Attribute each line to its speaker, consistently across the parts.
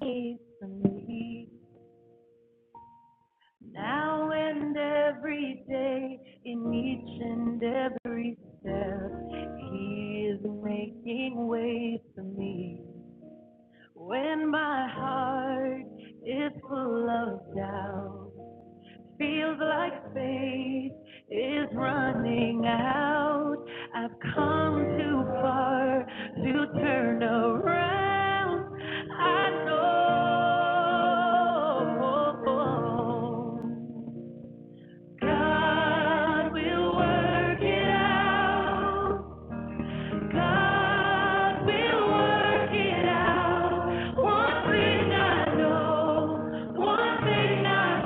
Speaker 1: faithfully now and every day in each and every step he is making way for me when my heart is full of doubt Feels like faith is running out. I've come too far to turn around. I know God will work it out. God will work it out. One thing I know, one thing I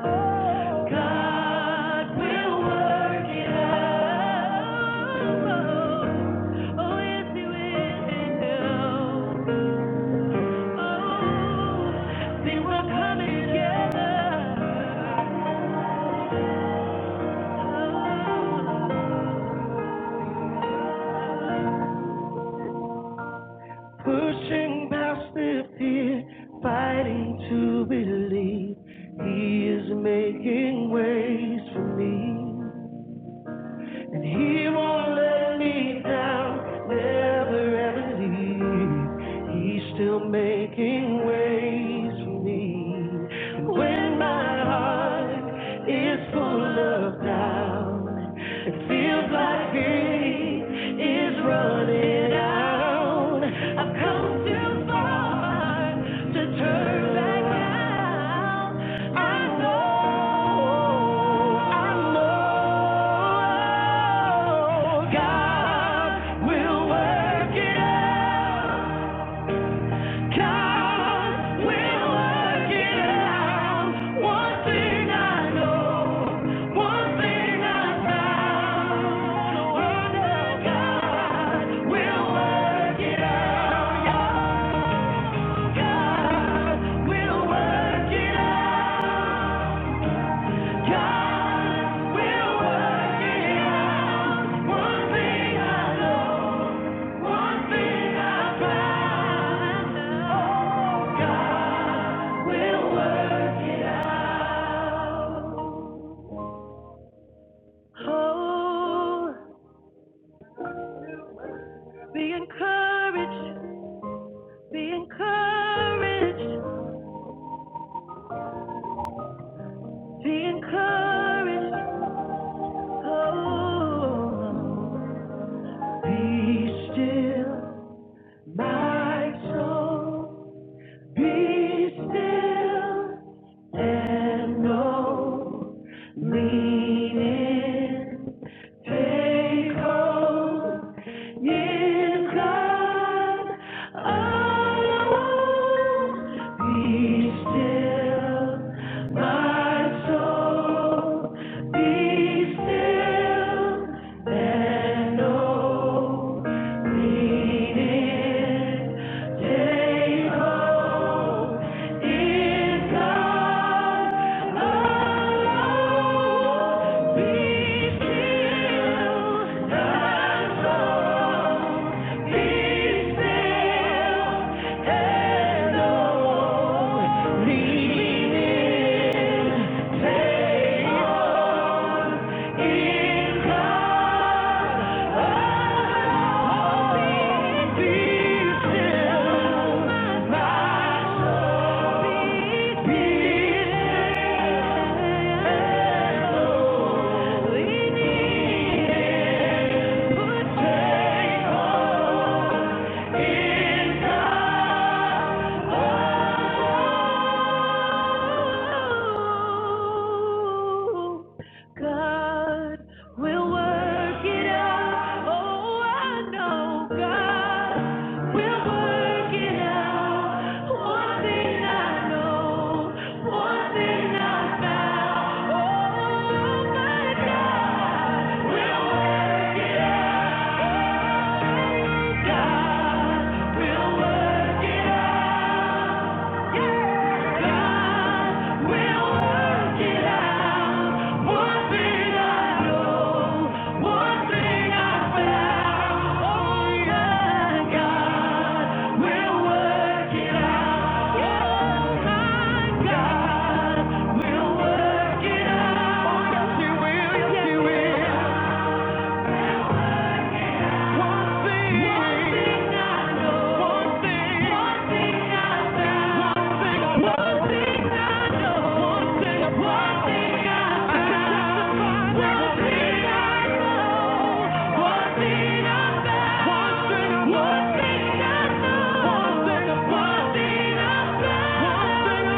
Speaker 1: found. God will work it out. Oh, yes, He will. Oh, they were coming together. Oh. Pushing past the fear, fighting to believe He is making ways for me. And he won't let me down, never ever leave. He's still making ways for me. When my heart is full of doubt, it feels like it is running out. I've come too far to turn back now. Yeah. God will work it out. One thing I know, one thing I found. Oh, God will work it out. Oh, be encouraged, be encouraged, be encouraged. Oh, be still, my soul. Be still and know. Lean in. Take hold. In God, I won't be still. My soul, be still and know. Leading in Put take on God will work it out. Oh, I know God will work it out. One thing I know, one thing I found. Oh, my God will work it out. Yeah. One thing I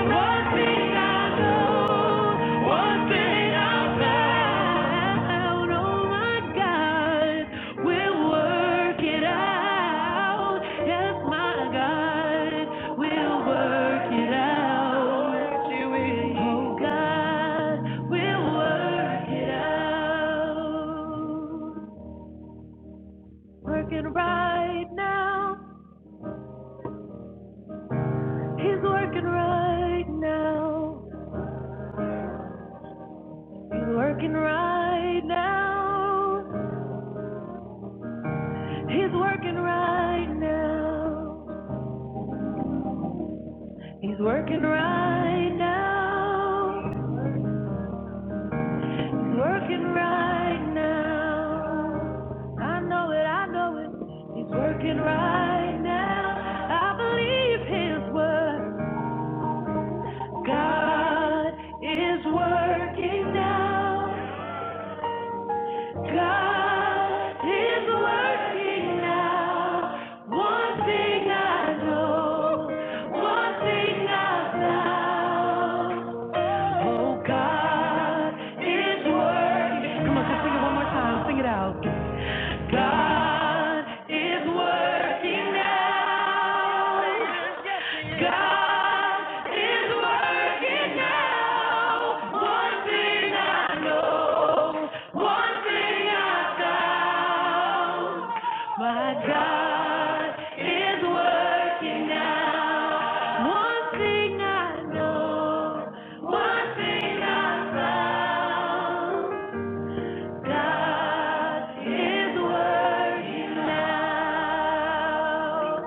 Speaker 1: know. Working right now, he's working right now. He's working right now. He's working right now. He's working right now. He's working right now. I know it, I know it. He's working right now. I believe his word. God is working now. Come on, sing it one more time. Sing it out. God is working now. God is working now. One thing I know, one thing I found. My God is working now. One thing I know, one thing I found. God is working now.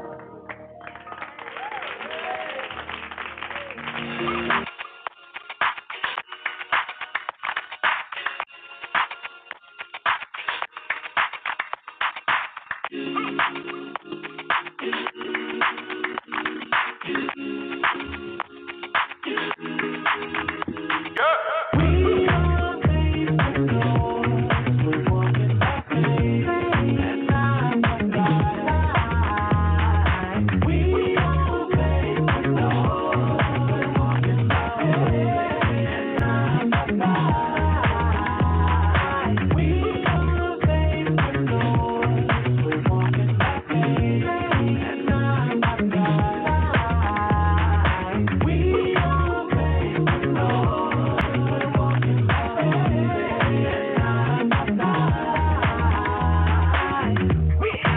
Speaker 1: We don't We are.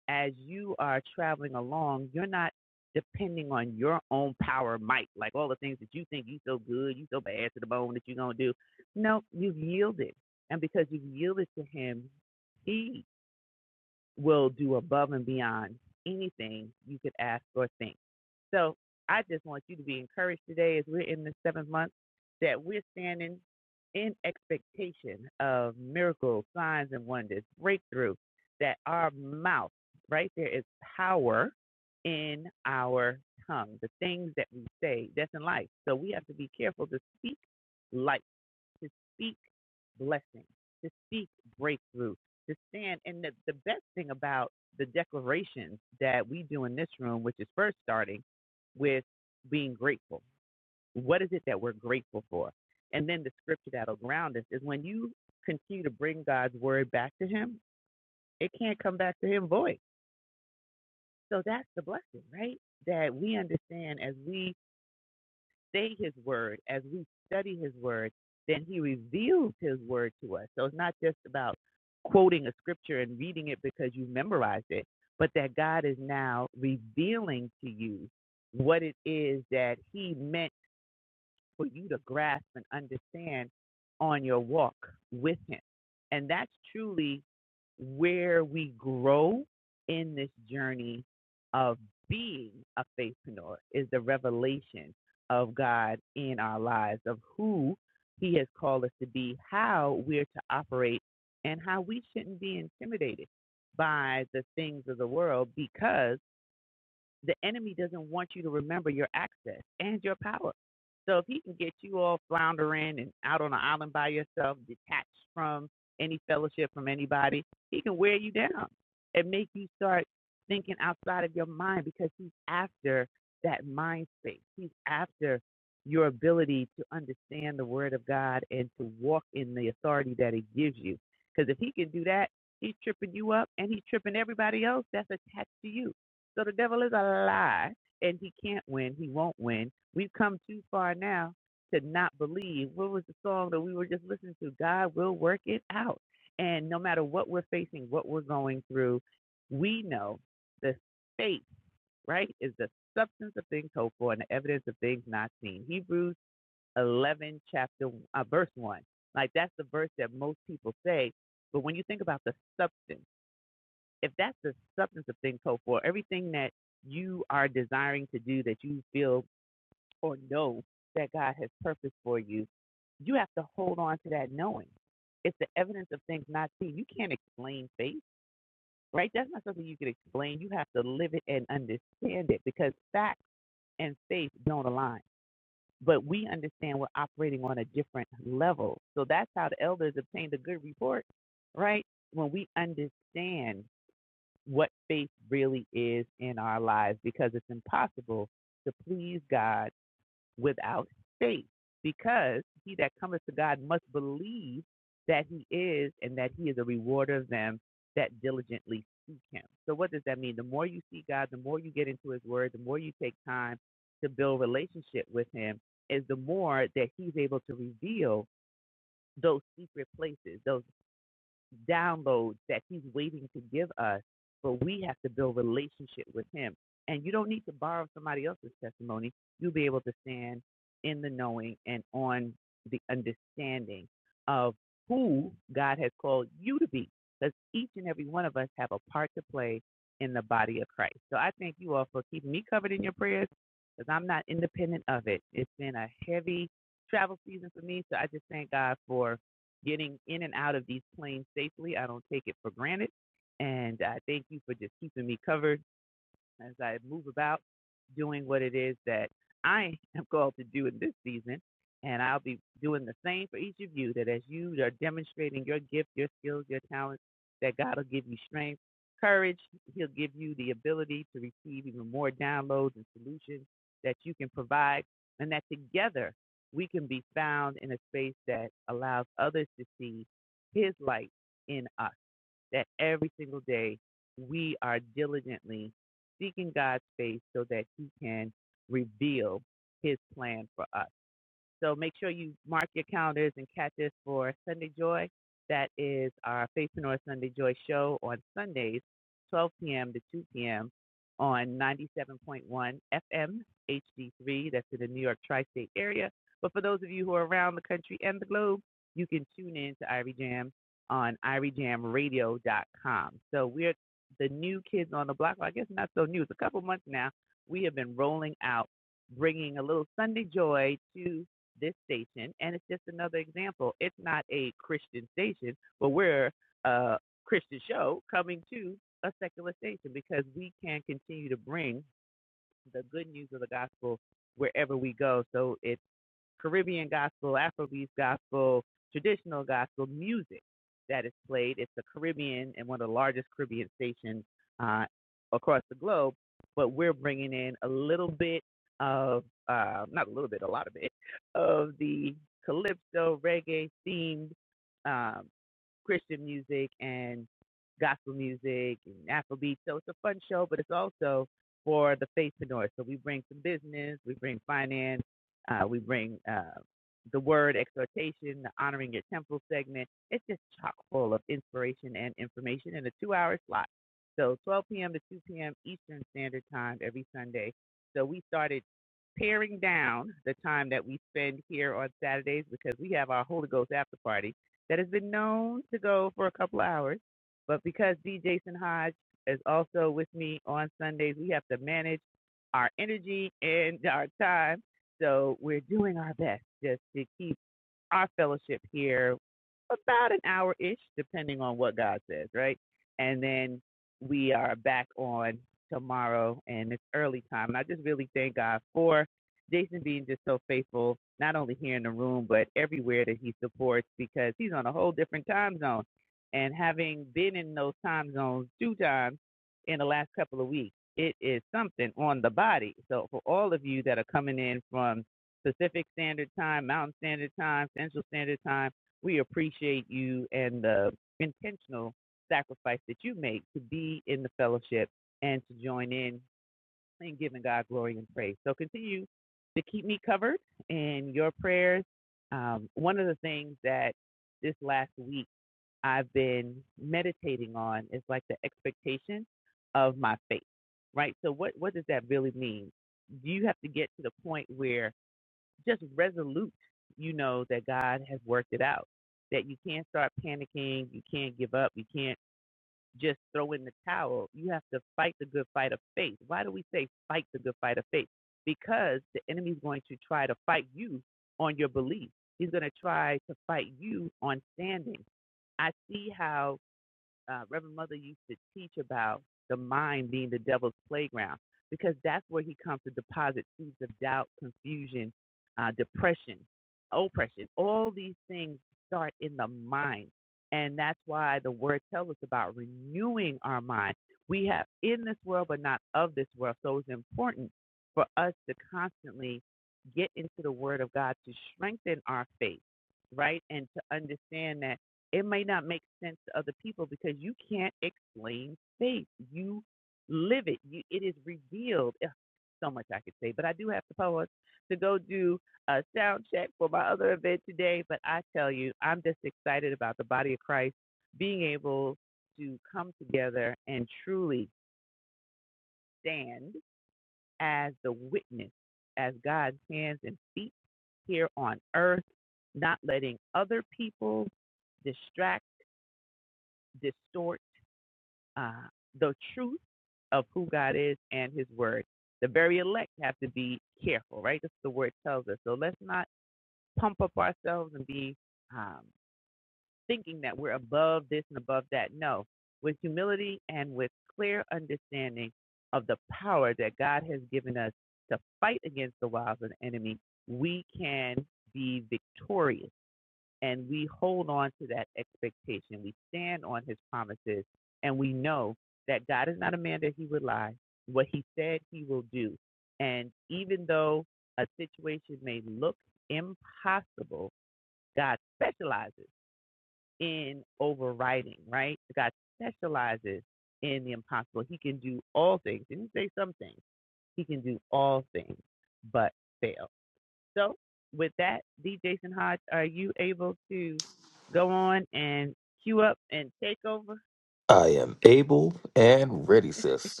Speaker 2: I am able and ready, sis.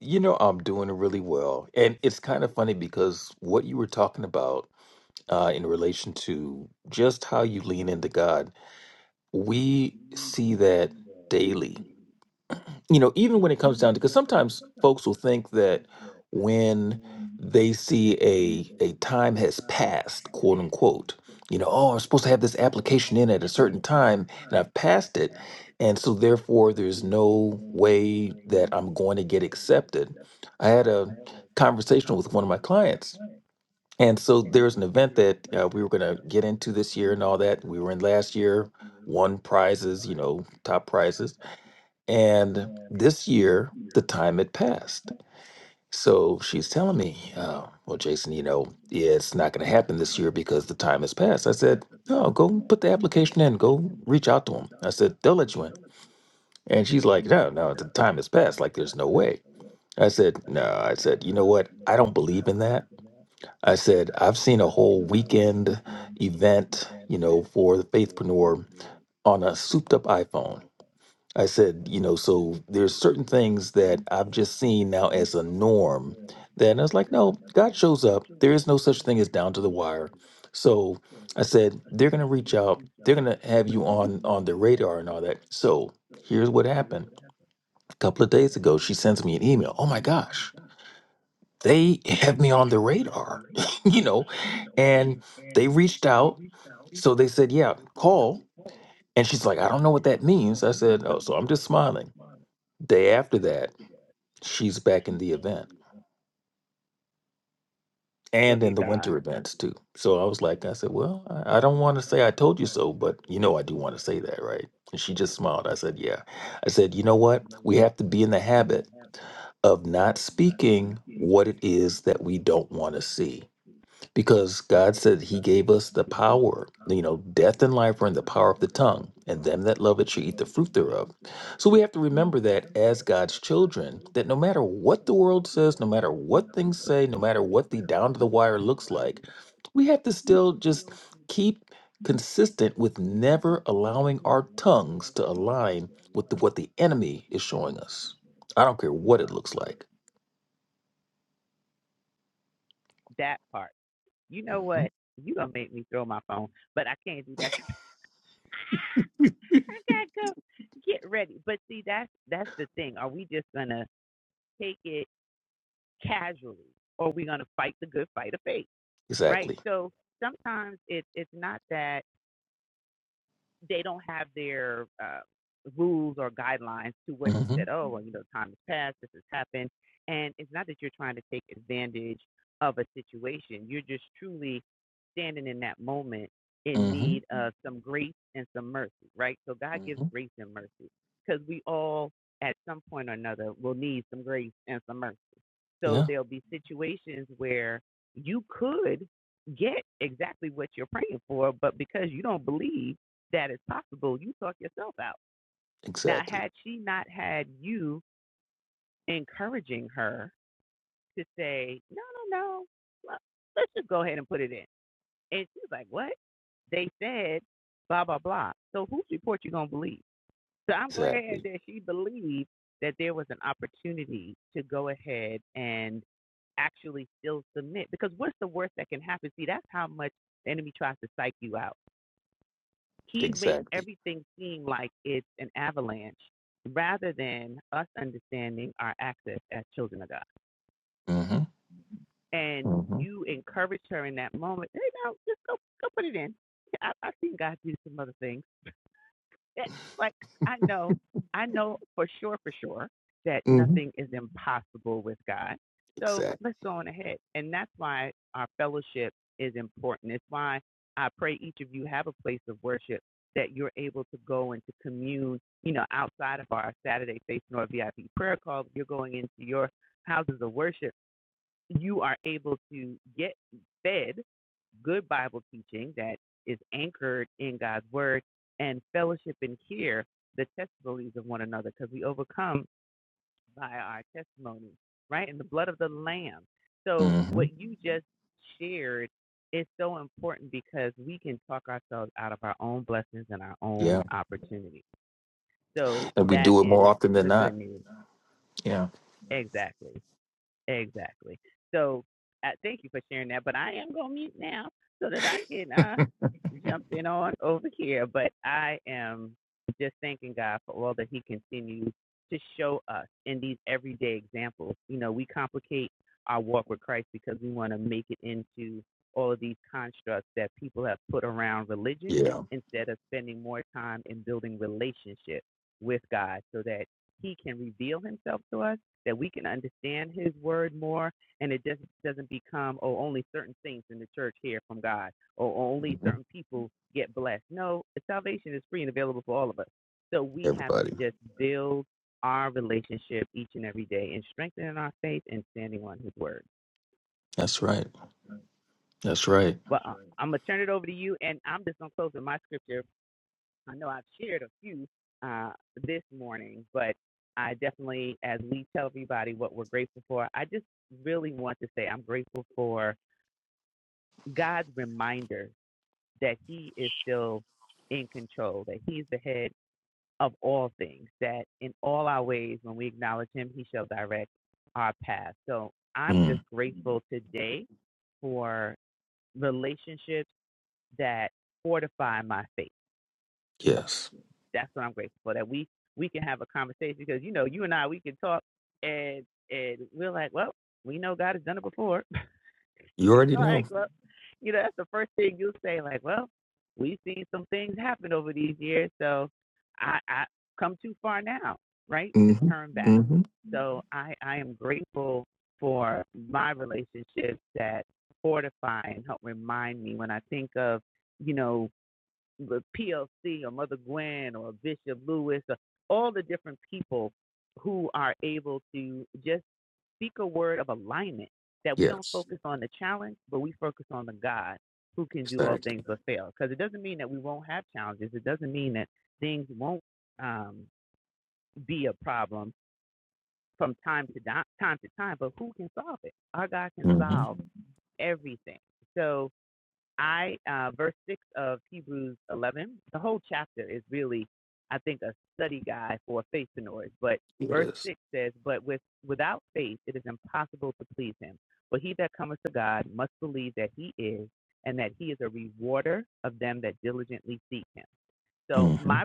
Speaker 2: You know, I'm doing really well. And it's kind of funny because what you were talking about uh, in relation to just how you lean into God, we see that daily. you know, even when it comes down to, because sometimes folks will think that when they see a a time has passed, quote unquote, you know, oh, I'm supposed to have this application in at a certain time, and I've passed it, and so therefore there's no way that I'm going to get accepted. I had a conversation with one of my clients, and so there's an event that uh, we were going to get into this year and all that. We were in last year, won prizes, you know, top prizes and this year, the time had passed. So she's telling me, uh, well, Jason, you know, it's not going to happen this year because the time has passed. I said, oh, go put the application in, go reach out to them. I said, they'll let you in. And she's like, no, no, the time has passed. Like, there's no way. I said, no, I said, you know what? I don't believe in that. I said, I've seen a whole weekend event, you know, for the faithpreneur on a souped up iPhone. I said, you know, so there's certain things that I've just seen now as a norm. Then I was like, no, God shows up. There is no such thing as down to the wire. So I said, they're gonna reach out. They're gonna have you on on the radar and all that. So here's what happened. A couple of days ago, she sends me an email. Oh my gosh, they have me on the radar, you know, and they reached out. So they said, yeah, call. And she's like, I don't know what that means. I said, oh, so I'm just smiling. Day after that, she's back in the event and in the winter events too. So I was like, I said, well, I, I don't want to say I told you so, but you know, I do want to say that, right? And she just smiled. I said, yeah. I said, you know what? We have to be in the habit of not speaking what it is that we don't want to see because God said He gave us the power. You know, death and life are in the power of the tongue, and them that love it shall eat the fruit thereof. So we have to remember that as God's children, that no matter what the world says, no matter what things say, no matter what the down to the wire looks like, we have to still just keep consistent with never allowing our tongues to align with the, what the enemy is showing us. I don't care what it looks like. hmm Exactly. hmm hmm hmm Yeah. Exactly. Exactly. Exactly. Mm-hmm. Mm-hmm. Mm-hmm. Exactly. Mm-hmm. Yeah. And we do it more often than not. Yeah. Yeah. hmm Everybody. That's right. That's right. Mm. Yes. You already know. Mm-hmm. Mm-hmm. Yes. Exactly. Mm-hmm. It is. Mm-hmm.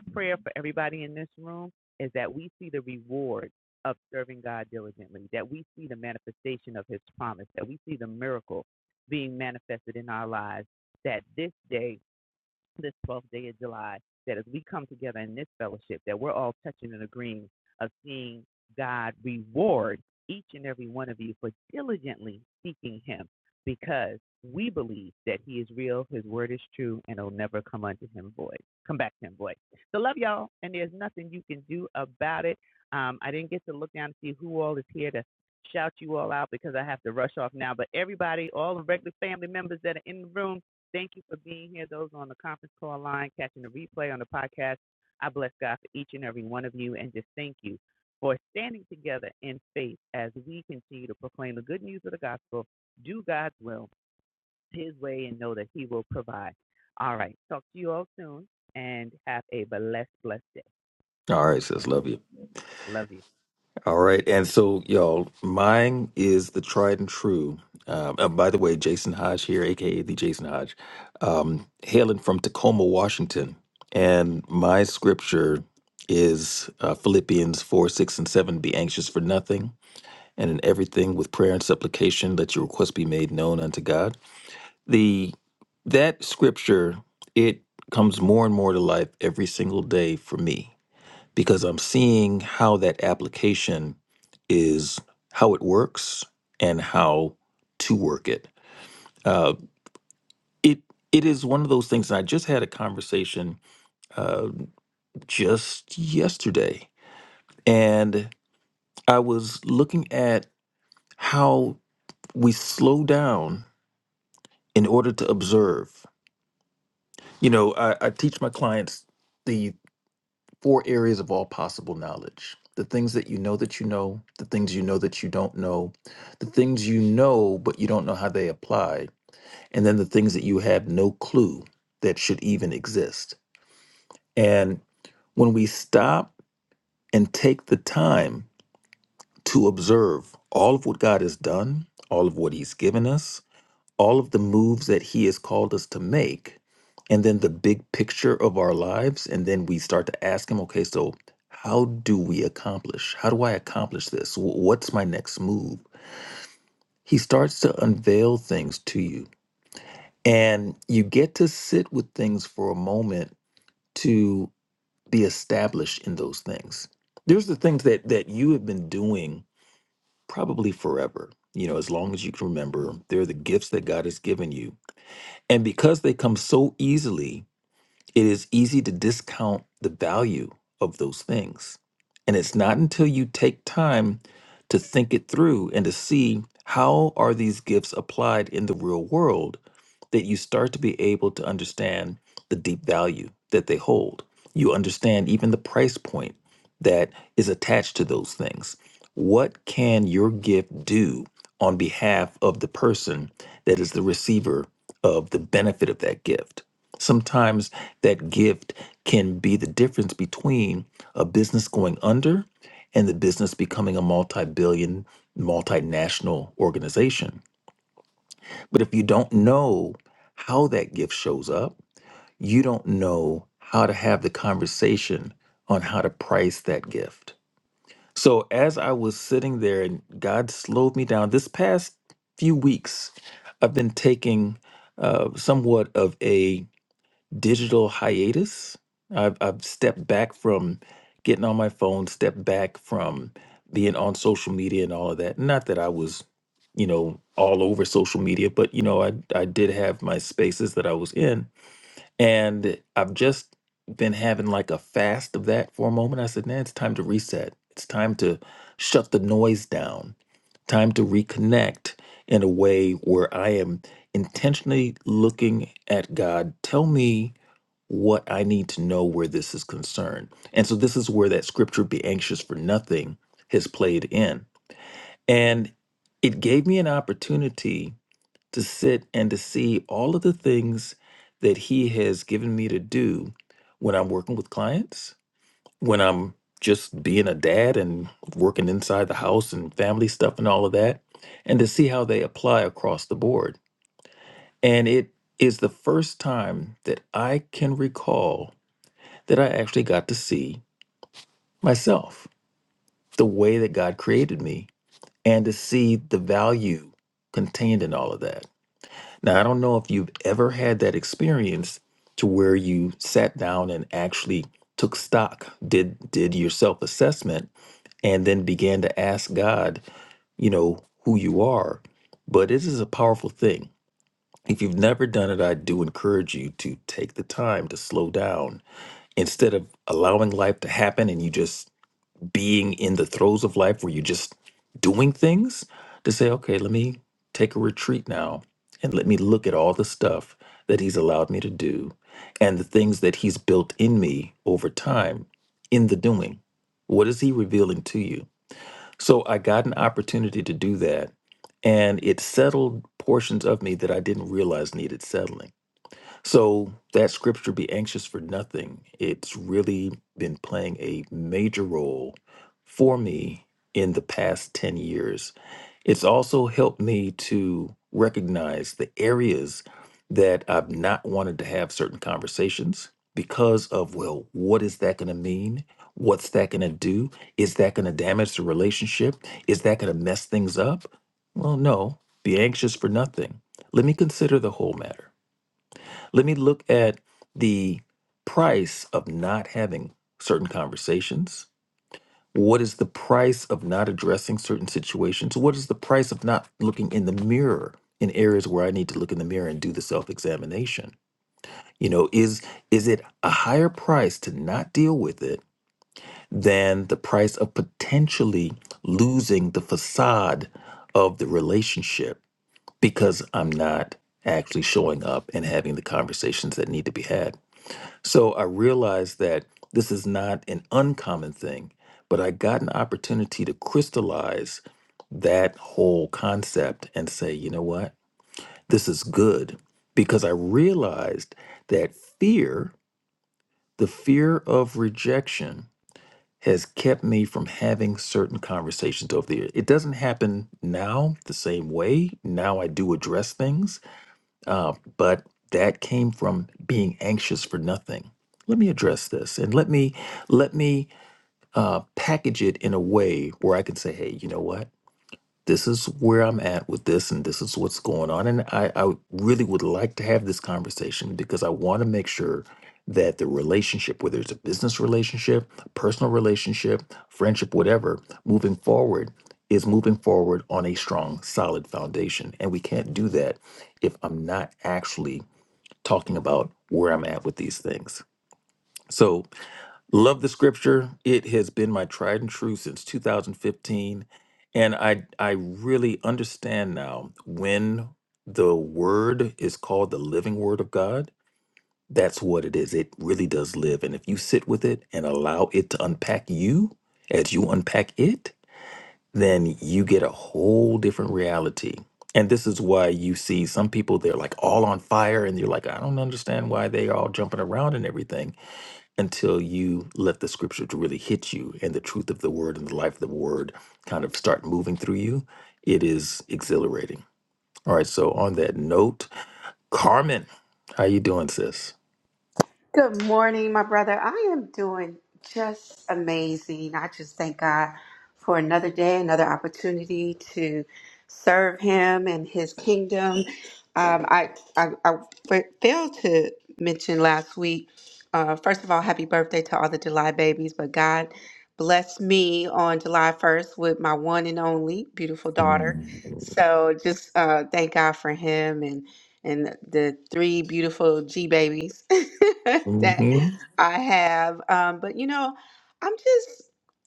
Speaker 2: All right, sis. Love you. All right. And so, y'all, mine is the tried and true. Um, and by the way, Jason Hodge here, AKA the Jason Hodge, um, hailing from Tacoma, Washington. And my scripture is uh, Philippians 4 6 and 7 Be anxious for nothing, and in everything with prayer and supplication, let your requests be made known unto God. The That scripture, it comes more and more to life every single day for me because I'm seeing how that application is how it works and how to work it. Uh, it it is one of those things. And I just had a conversation uh, just yesterday, and I was looking at how we slow down in order to observe. You know, I, I teach my clients the. four areas of all possible knowledge the things that you know that you know, the things you know that you don't know, the things you know but you don't know how they apply, and then the things that you have no clue that should even exist. And when we stop and take the time to observe all of what God has done, all of what He's given us, all of the moves that he has called us to make and then the big picture of our lives and then we start to ask him okay so how do we accomplish how do i accomplish this Wh- what's my next move he starts to unveil things to you and you get to sit with things for a moment to be established in those things there's the things that that you have been doing probably forever you know as long as you can remember they're the gifts that god has given you And because they come so easily, it is easy to discount the value of those things. And it's not until you take time to think it through and to see how are these gifts applied in the real world that you start to be able to understand the deep value that they hold. You understand even the price point that is attached to those things. What can your gift do on behalf of the person that is the receiver of the benefit of that gift? Sometimes that gift can be the difference between a business going under and the business becoming a multi billion, multinational organization. But if you don't know how that gift shows up, you don't know how to have the conversation on how to price that gift. So as I was sitting there and God slowed me down this past few weeks, I've been taking uh, somewhat of a digital hiatus. I've, I've stepped back from getting on my phone, stepped back from being on social media and all of that. Not that I was, you know, all over social media, but you know, I I did have my spaces that I was in, and I've just been having like a fast of that for a moment. I said, "Man, it's time to reset. It's time to shut the noise down. Time to reconnect in a way where I am intentionally looking at God. Tell me." what I need to know where this is concerned. And so this is where that scripture be anxious for nothing has played in. And it gave me an opportunity to sit and to see all of the things that he has given me to do when I'm working with clients, when I'm just being a dad and working inside the house and family stuff and all of that, and to see how they apply across the board. And it is the first time that I can recall that I actually got to see myself, the way that God created me, and to see the value contained in all of that. Now, I don't know if you've ever had that experience to where you sat down and actually took stock, did did your self-assessment and then began to ask God, you know, who you are. But it is a powerful thing. If you've never done it, I do encourage you to take the time to slow down instead of allowing life to happen and you just being in the throes of life where you're just doing things to say, okay, let me take a retreat now and let me look at all the stuff that he's allowed me to do and the things that he's built in me over time in the doing. What is he revealing to you? So I got an opportunity to do that and it settled portions of me that I didn't realize needed settling. So that scripture, be anxious for nothing, it's really been playing a major role for me in the past 10 years. It's also helped me to recognize the areas that I've not wanted to have certain conversations because of, well, what is that going to mean? What's that going to do? Is that going to damage the relationship? Is that going to mess things up? Well, no, be anxious for nothing. Let me consider the whole matter. Let me look at the price of not having certain conversations. What is the price of not addressing certain situations? What is the price of not looking in the mirror in areas where I need to look in the mirror and do the self-examination? You know, is is it a higher price to not deal with it than the price of potentially losing the facade of the relationship because I'm not actually showing up and having the conversations that need to be had? So I realized that this is not an uncommon thing, but I got an opportunity to crystallize that whole concept and say, you know what? This is good because I realized that fear, the fear of rejection, has kept me from having certain conversations over the years. It doesn't happen now the same way. Now I do address things, uh, but that came from being anxious for nothing. Let me address this, and let me let me uh, package it in a way where I can say, "Hey, you know what? This is where I'm at with this, and this is what's going on." And I, I would- really would like to have this conversation because I want to make sure that the relationship, whether it's a business relationship, personal relationship, friendship, whatever, moving forward is moving forward on a strong, solid foundation, and we can't do that if I'm not actually talking about where I'm at with these things. So, love the scripture. It has been my tried and true since 2015, and I I really understand now when the word is called the living word of God, that's what it is. It really does live, and if you sit with it and allow it to unpack you as you unpack it, then you get a whole different reality. And this is why you see some people, they're like all on fire, and you're like, I don't understand why they're all jumping around and everything until you let the scripture to really hit you and the truth of the word and the life of the word kind of start moving through you. It is exhilarating. All right. So, on that note, Carmen, how you doing, sis?
Speaker 3: Good morning, my brother. I am doing just amazing. I just thank God for another day, another opportunity to serve Him and His kingdom. Um, I, I I failed to mention last week. Uh, first of all, happy birthday to all the July babies. But God blessed me on July first with my one and only beautiful daughter.
Speaker 2: Mm-hmm.
Speaker 3: So just uh, thank God for Him and and the the three beautiful G babies that I have. Um, but you know, I'm just,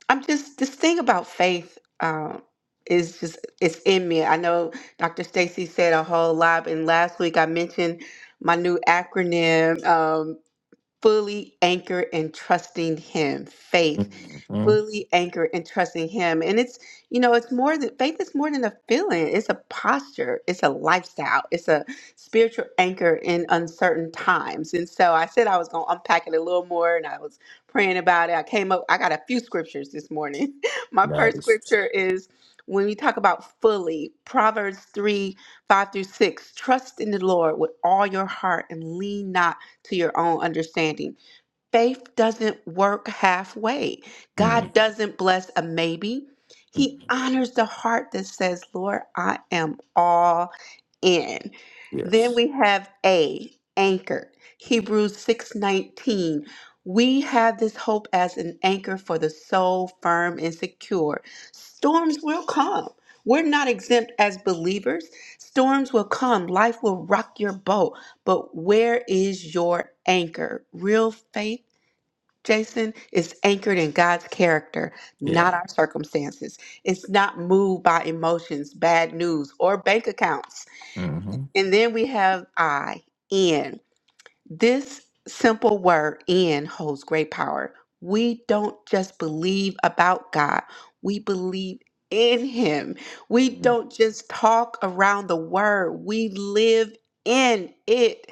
Speaker 3: I'm just this thing about faith um, is just it's in me. I know Dr. Stacy said a whole lot, and last week I mentioned my new acronym, um, fully anchored and trusting Him, faith
Speaker 2: hmm
Speaker 3: fully anchored and trusting him and it's you know it's more than faith is more than a feeling it's a posture it's a lifestyle it's a spiritual anchor in uncertain times and so i said i was going to unpack it a little more and i was praying about it i came up i got a few scriptures this morning my first
Speaker 2: Nice.
Speaker 3: scripture is when we talk about fully proverbs 3 5 through 6 trust in the lord with all your heart and lean not to your own understanding faith doesn't work halfway.
Speaker 2: mm
Speaker 3: God doesn't bless a maybe.
Speaker 2: mm
Speaker 3: He honors the heart that says, Lord, I am all in. Then
Speaker 2: Yes.
Speaker 3: we have A, anchor. Hebrews 6:19. We have this hope as an anchor for the soul, firm and secure. Storms will come. We're not exempt as believers. Storms will come. Life will rock your boat. But where is your anchor? Real faith Jason, is anchored in God's character,
Speaker 2: Yeah.
Speaker 3: not our circumstances. It's not moved by emotions, bad news, or bank accounts.
Speaker 2: hmm
Speaker 3: And then we have I, N. This simple word in holds great power. We don't just believe about God, we believe in Him. We don't just talk around the word, we live in it.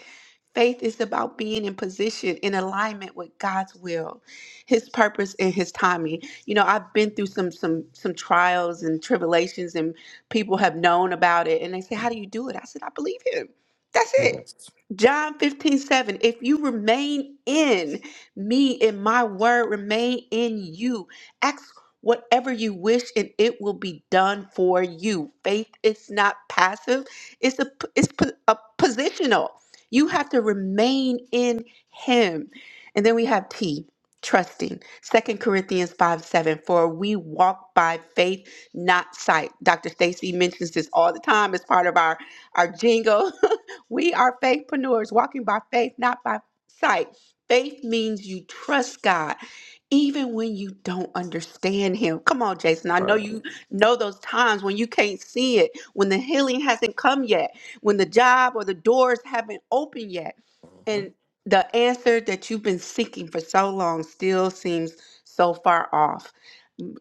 Speaker 3: Faith is about being in position, in alignment with God's will, His purpose, and His timing. You know, I've been through some some some trials and tribulations, and people have known about it, and they say, "How do you do it?" I said, "I believe Him. That's it.
Speaker 2: Yes.
Speaker 3: John 15 7. If you remain in me and my word remain in you, ask whatever you wish and it will be done for you. Faith is not passive, it's a it's po- a positional. You have to remain in him. And then we have T, trusting. Second Corinthians 5, 7. For we walk by faith, not sight. Dr. Stacy mentions this all the time as part of our, our jingle. We are faithpreneurs walking by faith, not by sight. Faith means you trust God even when you don't understand him. Come on, Jason. I know
Speaker 2: Right.
Speaker 3: you know those times when you can't see it, when the healing hasn't come yet, when the job or the doors haven't opened yet.
Speaker 2: hmm
Speaker 3: And the answer that you've been seeking for so long still seems so far off.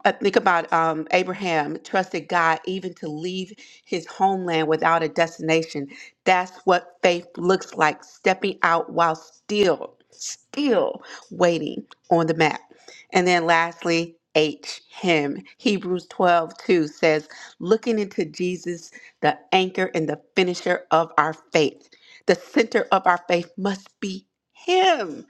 Speaker 3: I think about um, Abraham trusted God even to leave his homeland without a destination. That's what faith looks like, stepping out while still, still waiting on the map. And then lastly, H, him. Hebrews 12 2 says, looking into Jesus, the anchor and the finisher of our faith. The center of our faith must be him.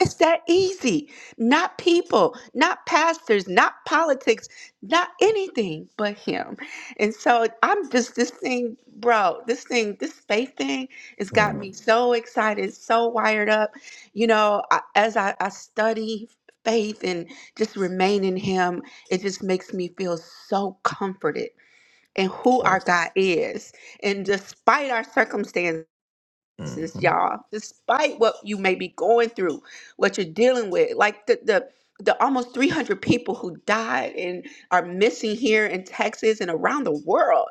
Speaker 3: It's that easy. Not people, not pastors, not politics, not anything but him. And so I'm just this thing, bro, this thing, this faith thing has got
Speaker 2: Mm.
Speaker 3: me so excited, so wired up. You know, I, as I, I study faith and just remain in Him, it just makes me feel so comforted in who our
Speaker 2: Yes.
Speaker 3: God is. And despite our circumstances,
Speaker 2: hmm
Speaker 3: y'all, despite what you may be going through, what you're dealing with, like the, the, the almost 300 people who died and are missing here in Texas and around the world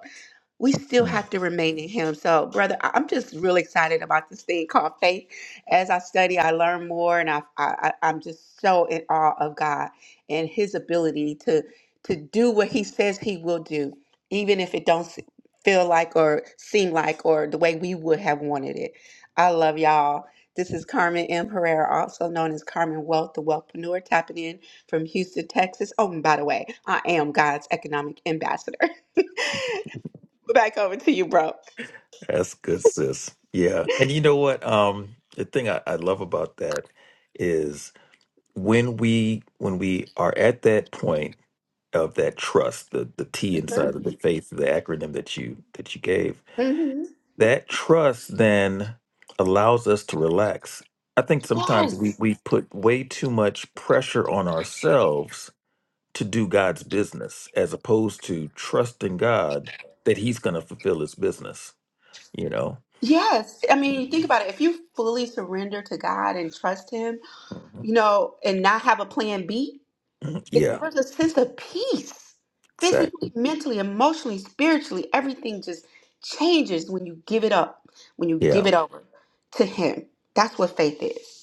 Speaker 3: we still
Speaker 2: Mm.
Speaker 3: have to remain in him. So, brother, I- I'm just really excited about this thing called faith. As I study, I learn more, and I, I I- I'm just so in awe of God and His ability to to do what He says He will do, even if it don't se- feel like or seem like or the way we would have wanted it. I love y'all. This is Carmen M. Herrera, also known as Carmen Wealth, the Wealthpreneur, tapping in from Houston, Texas. Oh, and by the way, I am God's economic ambassador. Back over to you, bro.
Speaker 2: That's good, sis. Yeah. And you know what? Um, the thing I, I love about that is when we when we are at that point of that trust, the the T inside of the faith, the acronym that you that you gave,
Speaker 3: hmm
Speaker 2: that trust then allows us to relax. I think sometimes we,
Speaker 3: Yes.
Speaker 2: we put way too much pressure on ourselves to do God's business as opposed to trusting God that he's going to fulfill his business, you know?
Speaker 3: Yes. I mean, think
Speaker 2: Mhm.
Speaker 3: about it. If you fully surrender to God and trust Him, you
Speaker 2: Mhm.
Speaker 3: know, and not have a plan B,
Speaker 2: Mhm.
Speaker 3: it,
Speaker 2: Yeah,
Speaker 3: there's a sense of peace physically,
Speaker 2: exactly.
Speaker 3: mentally, emotionally, spiritually. Everything just changes when you give it up, when you give
Speaker 2: Yeah.
Speaker 3: it over to Him. That's what faith is.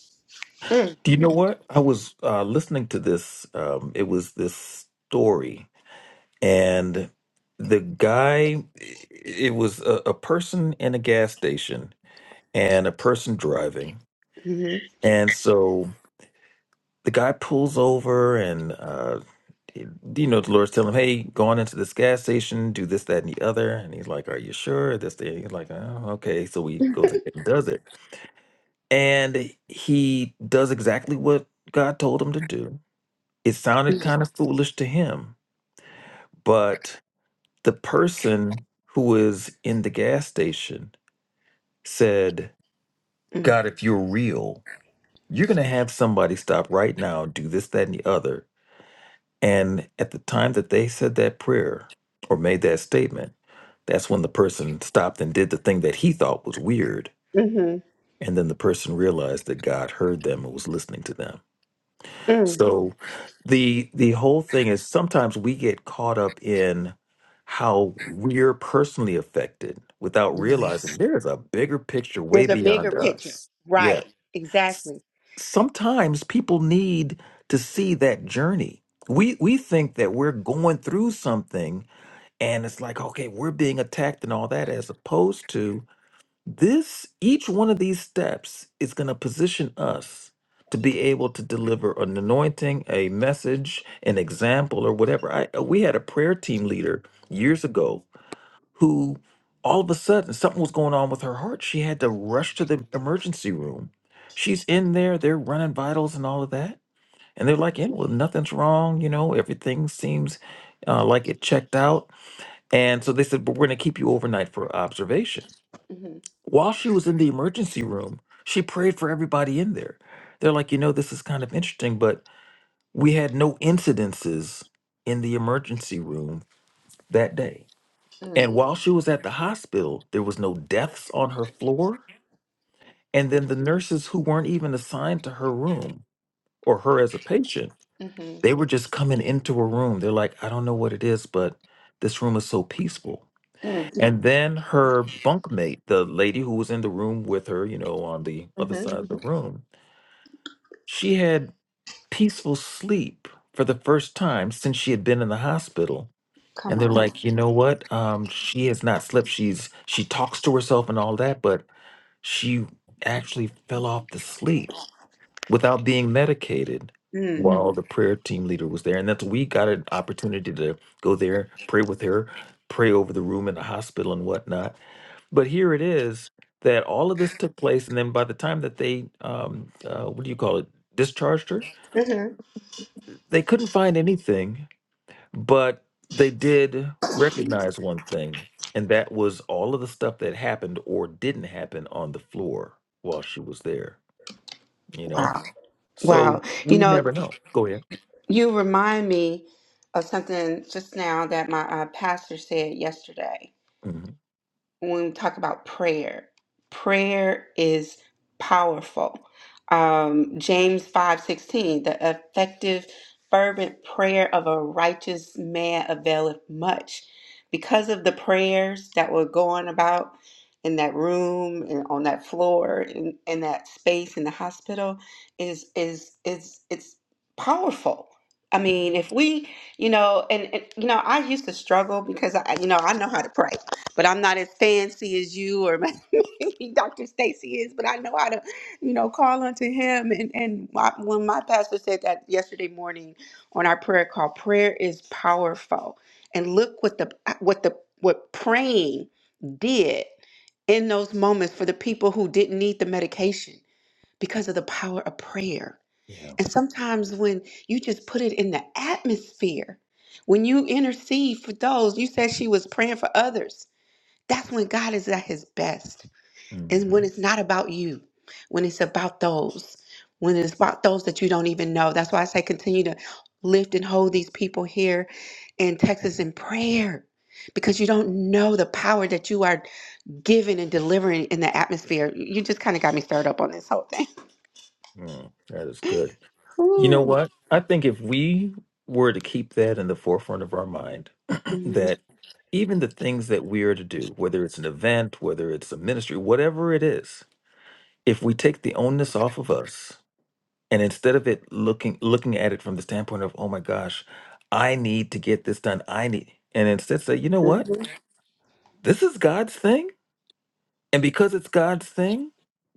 Speaker 3: Mm.
Speaker 2: Do you know what? I was uh, listening to this, um, it was this story, and the guy, it was a, a person in a gas station and a person driving.
Speaker 3: Mm-hmm.
Speaker 2: And so the guy pulls over and uh, you know, the Lord's telling him, hey, go on into this gas station, do this, that, and the other. And he's like, are you sure? This, that. He's like, oh, okay. So he goes ahead and does it. And he does exactly what God told him to do. It sounded kind of foolish to him, but the person who was in the gas station said,
Speaker 3: Mm.
Speaker 2: God, if you're real, you're going to have somebody stop right now, do this, that, and the other. And at the time that they said that prayer or made that statement, that's when the person stopped and did the thing that he thought was weird.
Speaker 3: Mhm.
Speaker 2: And then the person realized that God heard them and was listening to them.
Speaker 3: Mm.
Speaker 2: So the the whole thing is sometimes we get caught up in how we're personally affected without realizing
Speaker 3: Yes.
Speaker 2: there's a bigger picture way
Speaker 3: There's a bigger
Speaker 2: beyond
Speaker 3: picture.
Speaker 2: us. Yeah
Speaker 3: Right.
Speaker 2: s-
Speaker 3: Exactly.
Speaker 2: sometimes people need to see that journey. We we think that we're going through something and it's like okay, we're being attacked and all that as opposed to this each one of these steps is going to position us to be able to deliver an anointing, a message, an example or whatever. I we had a prayer team leader years ago who all of a sudden something was going on with her heart. She had to rush to the emergency room. She's in there, they're running vitals and all of that. And they're like, yeah, well, nothing's wrong. You know, everything seems uh, like it checked out. And so they said, but we're going to keep you overnight for observation.
Speaker 3: Mm-hmm.
Speaker 2: While she was in the emergency room, she prayed for everybody in there. They're like, you know, this is kind of interesting, but we had no incidences in the emergency room that day
Speaker 3: Mm.
Speaker 2: and while she was at the hospital, there was no deaths on her floor. And then the nurses who weren't even assigned to her room or her as a patient,
Speaker 3: Mm-hmm.
Speaker 2: they were just coming into a room. They're like, I don't know what it is, but this room is so peaceful.
Speaker 3: Mm-hmm.
Speaker 2: And then her bunkmate, the lady who was in the room with her, you know, on the other side of the room, she had peaceful sleep for the first time since she had been in the hospital
Speaker 3: Come
Speaker 2: and they're
Speaker 3: on.
Speaker 2: like you know what um she has not slept she's she talks to herself and all that but She actually fell off to sleep without being medicated
Speaker 3: Mm.
Speaker 2: while the prayer team leader was there. And that's we got an opportunity to go there, pray with her, pray over the room in the hospital and whatnot. But here it is that all of this took place. And then by the time that they, um, uh, what do you call it, discharged her,
Speaker 3: hmm
Speaker 2: they couldn't find anything, but they did recognize one thing. And that was all of the stuff that happened or didn't happen on the floor while she was there you know
Speaker 3: Wow. Wow.
Speaker 2: so
Speaker 3: You
Speaker 2: we
Speaker 3: know,
Speaker 2: never know go ahead
Speaker 3: you remind me of something just now that my uh, pastor said yesterday.
Speaker 2: hmm
Speaker 3: when we talk about prayer, prayer is powerful. Um, James 5:16, the effective fervent prayer of a righteous man availeth much. Because of the prayers that were going about in that room and on that floor in, in that space in the hospital is is is it's powerful. I mean, if we, you know, and, and you know, I used to struggle because I, you know, I know how to pray but I'm not as fancy as you or maybe Dr. Stacy is, but I know how to, you know, call unto him. And and my, when my pastor said that yesterday morning on our prayer call, prayer is powerful. And look what the what the what praying did in those moments for the people who didn't need the medication because of the power of prayer.
Speaker 2: yeah
Speaker 3: And sometimes when you just put it in the atmosphere, when you intercede for those, you said she was praying for others that's when God is at his best.
Speaker 2: hmm
Speaker 3: And when it's not about you, when it's about those, when it's about those that you don't even know. That's why I say continue to lift and hold these people here in Texas in prayer because you don't know the power that you are giving and delivering in the atmosphere. You just kind of got me stirred up on this whole thing.
Speaker 2: mm that is good you know
Speaker 3: Ooh.
Speaker 2: what i think if we were to keep that in the forefront of our mind
Speaker 3: hmm
Speaker 2: that even the things that we are to do whether it's an event whether it's a ministry whatever it is if we take the onus off of us and instead of it looking looking at it from the standpoint of oh my gosh i need to get this done i need and instead say you know what
Speaker 3: hmm
Speaker 2: this is god's thing And because it's God's thing,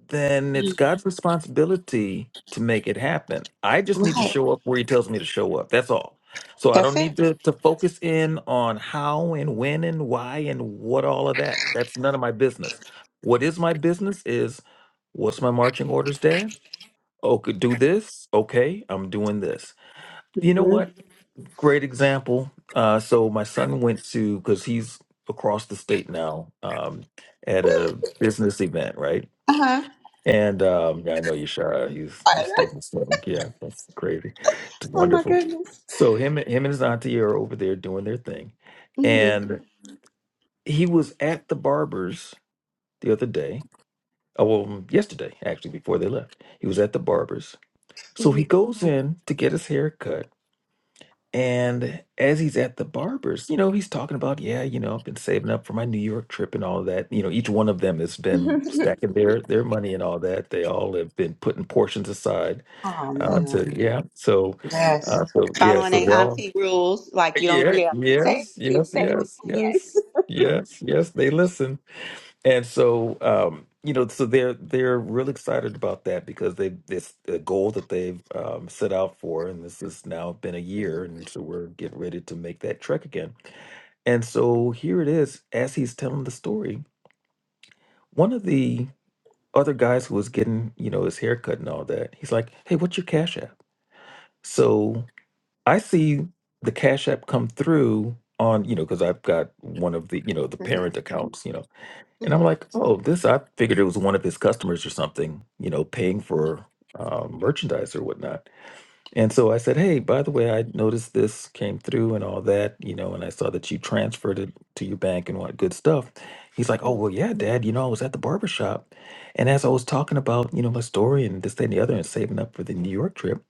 Speaker 2: then it's God's responsibility to make it happen. I just need to
Speaker 3: Right.
Speaker 2: show up where He tells me to show up. That's all. So I
Speaker 3: That's
Speaker 2: don't
Speaker 3: it.
Speaker 2: need to, to focus in on how and when and why and what all of that. That's none of my business. What is my business is what's my marching orders, Dad? Oh, could do this. Okay, I'm doing this. You know
Speaker 3: hmm
Speaker 2: what? great example. Uh, so my son went to because he's across the state now um, at a business event, right?
Speaker 3: Uh huh.
Speaker 2: And um, yeah, I know Yashara, he's just doing his thing. Yeah, that's crazy. It's
Speaker 3: oh my
Speaker 2: wonderful.
Speaker 3: goodness.
Speaker 2: So him, him and his auntie are over there doing their thing,
Speaker 3: hmm
Speaker 2: and he was at the barber's the other day. Oh, well, mm, yesterday actually, before they left, he was at the barber's. So
Speaker 3: hmm
Speaker 2: he goes in to get his hair cut And as he's at the barber's, you know, he's talking about, yeah, you know, I've been saving up for my New York trip and all of that. You know, each one of them has been stacking their their money and all that. They all have been putting portions aside
Speaker 3: oh
Speaker 2: uh, Mm.
Speaker 3: man.
Speaker 2: to, yeah. So,
Speaker 3: Yes.
Speaker 2: uh, so yeah,
Speaker 3: following
Speaker 2: so
Speaker 3: their
Speaker 2: they all,
Speaker 3: auntie rules. Like you don't,
Speaker 2: yeah,
Speaker 3: yeah, you save,
Speaker 2: yes,
Speaker 3: you
Speaker 2: yes,
Speaker 3: save and
Speaker 2: yes,
Speaker 3: plan.
Speaker 2: yes, yes, yes. They listen. And so, um, you know, so they're they're real excited about that because they this a goal that they've um, set out for, and this has now been a year,
Speaker 3: Mhm.
Speaker 2: and so we're getting ready to make that trek again. And so here it is, as he's telling the story, one of the other guys who was getting, you know, his haircut and all that, he's like, "Hey, what's your cash app?" So I see the cash app come through on, you know, because I've got one of the, you know, the
Speaker 3: Mhm.
Speaker 2: parent accounts, you know. And I'm
Speaker 3: Mhm.
Speaker 2: like, oh, this, I figured it was one of his customers or something, you know, paying for um, merchandise or whatnot. And so I said, hey, by the way, I noticed this came through and all that, you know, and I saw that you transferred it to your bank and what good stuff. He's like, oh,
Speaker 3: Mhm.
Speaker 2: well, yeah, dad, you know, I was at the barber shop, And as I was talking about, you know, my story and this, that, and the other and saving up for the New York trip,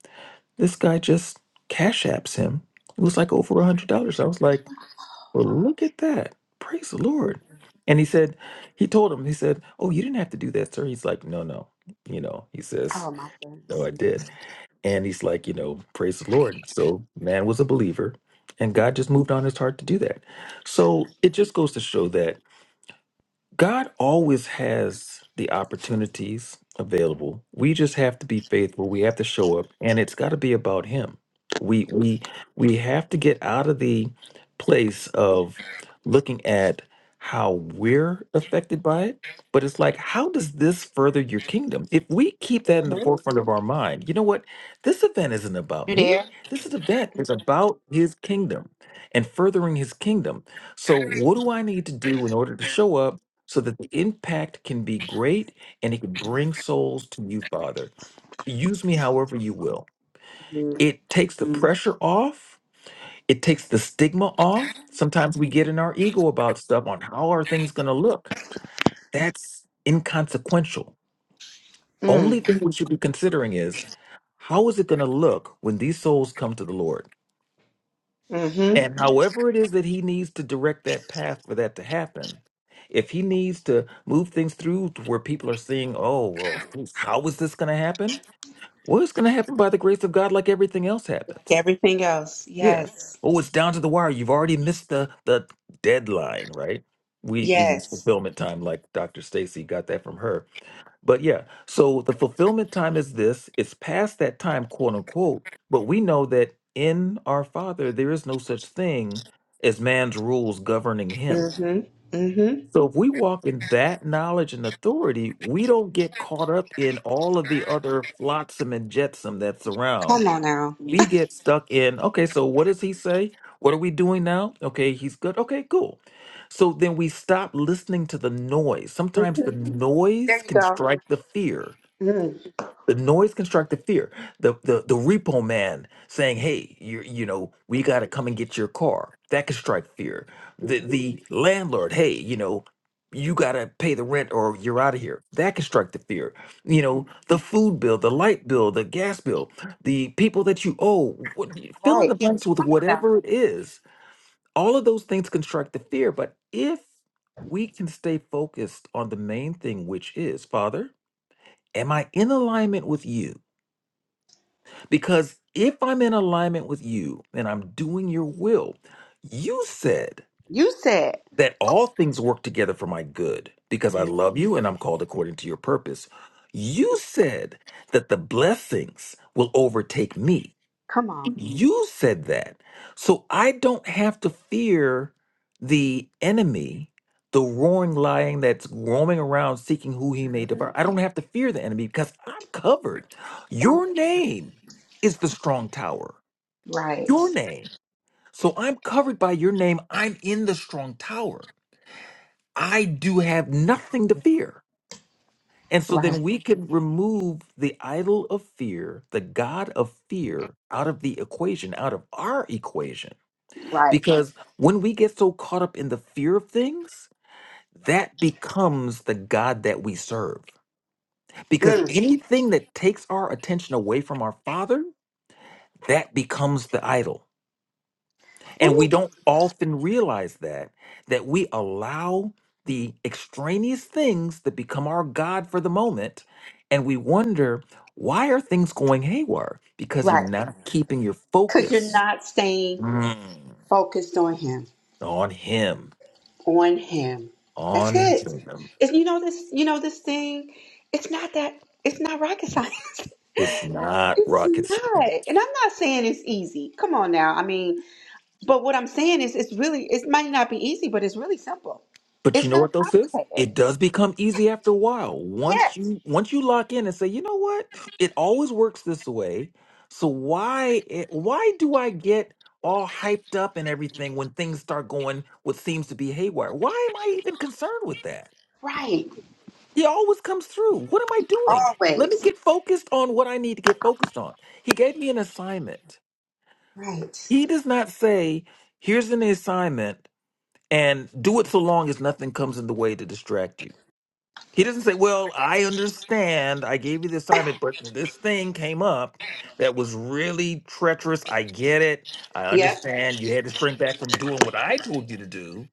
Speaker 2: this guy just cash apps him. It was like over a $100. I was like, well, look at that. Praise the Lord.
Speaker 3: Mhm.
Speaker 2: And he said, he told him, he said, Oh, you didn't have to do that, sir. He's like, No, no. You know, he says,
Speaker 3: Oh my
Speaker 2: No,
Speaker 3: goodness,
Speaker 2: I did. And he's like, You know, praise the Lord. So man was a believer, and God just moved on his heart to do that. So it just goes to show that. God always has the opportunities available. We just have to be faithful. We have to show up, and it's got to be about Him. We we we have to get out of the place of looking at how we're affected by it. But it's like, how does this further your kingdom? If we keep that in the
Speaker 3: Mhm.
Speaker 2: forefront of our mind, you know what? This event isn't about
Speaker 3: you
Speaker 2: me.
Speaker 3: there?
Speaker 2: This event is about His kingdom and furthering His kingdom. So, what do I need to do in order to show up? so that the impact can be great and it can bring souls to you, Father. Use me however you will.
Speaker 3: Mhm.
Speaker 2: It takes the Mm. pressure off, it takes the stigma off. Sometimes we get in our ego about stuff on how are things going to look. That's inconsequential. Only
Speaker 3: Mm.
Speaker 2: thing we should be considering is how is it going to look when these souls come to the Lord?
Speaker 3: Mhm.
Speaker 2: And however it is that he needs to direct that path for that to happen, if he needs to move things through to where people are seeing, oh, well, how is this going to happen? Well, it's going to happen by the grace of God, like everything else
Speaker 3: Like
Speaker 2: happens.
Speaker 3: everything else,
Speaker 2: Yeah.
Speaker 3: yes,
Speaker 2: Oh, it's down to the wire. You've already missed the the deadline, right? We we use
Speaker 3: yes.
Speaker 2: fulfillment time, like Dr. Stacy got that from her but yeah, so the fulfillment time is this. It's past that time, quote unquote. But we know that in our Father, there is no such thing as man's rules governing him.
Speaker 3: Mhm, mhm.
Speaker 2: So if we walk in that knowledge and authority, we don't get caught up in all of the other flotsam and jetsam that's around.
Speaker 3: Come on now.
Speaker 2: We get stuck in, okay, so what does he say? What are we doing now? Okay, he's good. Okay, cool. So then we stop listening to the noise. Sometimes the
Speaker 3: Mhm.
Speaker 2: noise
Speaker 3: There you
Speaker 2: can
Speaker 3: go.
Speaker 2: strike the fear
Speaker 3: Mm.
Speaker 2: the noise constructive fear the the the repo man saying hey you you know we got to come and get your car that can strike fear the
Speaker 3: Mhm.
Speaker 2: the landlord hey you know you got to pay the rent or you're out of here that can strike the fear you know
Speaker 3: Mhm.
Speaker 2: the food bill the light bill the gas bill the people that you owe what, fill in
Speaker 3: Right.
Speaker 2: the blanks with
Speaker 3: Come on now.
Speaker 2: whatever it is all of those things construct the fear but if we can stay focused on the main thing which is father am i in alignment with you because if I'm in alignment with you and I'm doing your will, you said
Speaker 3: You said,
Speaker 2: that all things work together for my good because I
Speaker 3: Yeah.
Speaker 2: love you and I'm called according to your purpose. You said that the blessings will overtake me.
Speaker 3: come on.
Speaker 2: You said that. So I don't have to fear the enemy, the roaring lion that's roaming around seeking who he may
Speaker 3: Mhm.
Speaker 2: devour. I don't have to fear the enemy because I'm covered.
Speaker 3: I'm
Speaker 2: Your
Speaker 3: covered.
Speaker 2: name is the strong tower. Your
Speaker 3: Right,
Speaker 2: name. So I'm covered by your name. I'm in the strong tower. I do have nothing to fear. And so
Speaker 3: right,
Speaker 2: then we could remove the idol of fear, the God of fear, out of the equation, out of our equation
Speaker 3: Right.
Speaker 2: Because when we get so caught up in the fear of things, that becomes the God that we serve. Because
Speaker 3: Mm.
Speaker 2: anything that takes our attention away from our Father, that becomes the idol. And we
Speaker 3: Ooh.
Speaker 2: don't often realize that, that we allow the extraneous things that become our God for the moment. And we wonder, why are things going haywire? Because you're
Speaker 3: Right.
Speaker 2: not keeping your
Speaker 3: Because you're
Speaker 2: focus
Speaker 3: not staying
Speaker 2: mm,
Speaker 3: focused on him,
Speaker 2: on Him,
Speaker 3: on him. That's
Speaker 2: on
Speaker 3: it.
Speaker 2: Him.
Speaker 3: It's, you know this. You know this thing. It's not that. It's not rocket science.
Speaker 2: It's not
Speaker 3: it's
Speaker 2: rocket
Speaker 3: not.
Speaker 2: science.
Speaker 3: And I'm not saying it's easy. Come on now. I mean, but what I'm saying is, it's really. It might not be easy, but it's really simple.
Speaker 2: But you
Speaker 3: It's
Speaker 2: know
Speaker 3: not
Speaker 2: what though, sis? It
Speaker 3: complicated.
Speaker 2: does become easy after a while. Once
Speaker 3: Yes.
Speaker 2: you once you lock in and say, you know what? It always works this way. So why it, why do I get all hyped up and everything when things start going what seems to be haywire? Why am I even concerned with that?
Speaker 3: Right.
Speaker 2: He always comes through. What am I doing? Let me
Speaker 3: Always.
Speaker 2: get focused on what I need to get focused on. He gave me an assignment.
Speaker 3: Right.
Speaker 2: He does not say, here's an assignment. and do it so long as nothing comes in the way to distract you. He doesn't say, Well, I understand. I gave you the assignment, but this thing came up that was really treacherous. I get it. I
Speaker 3: Yep.
Speaker 2: understand. You had to shrink back from doing what I told you to do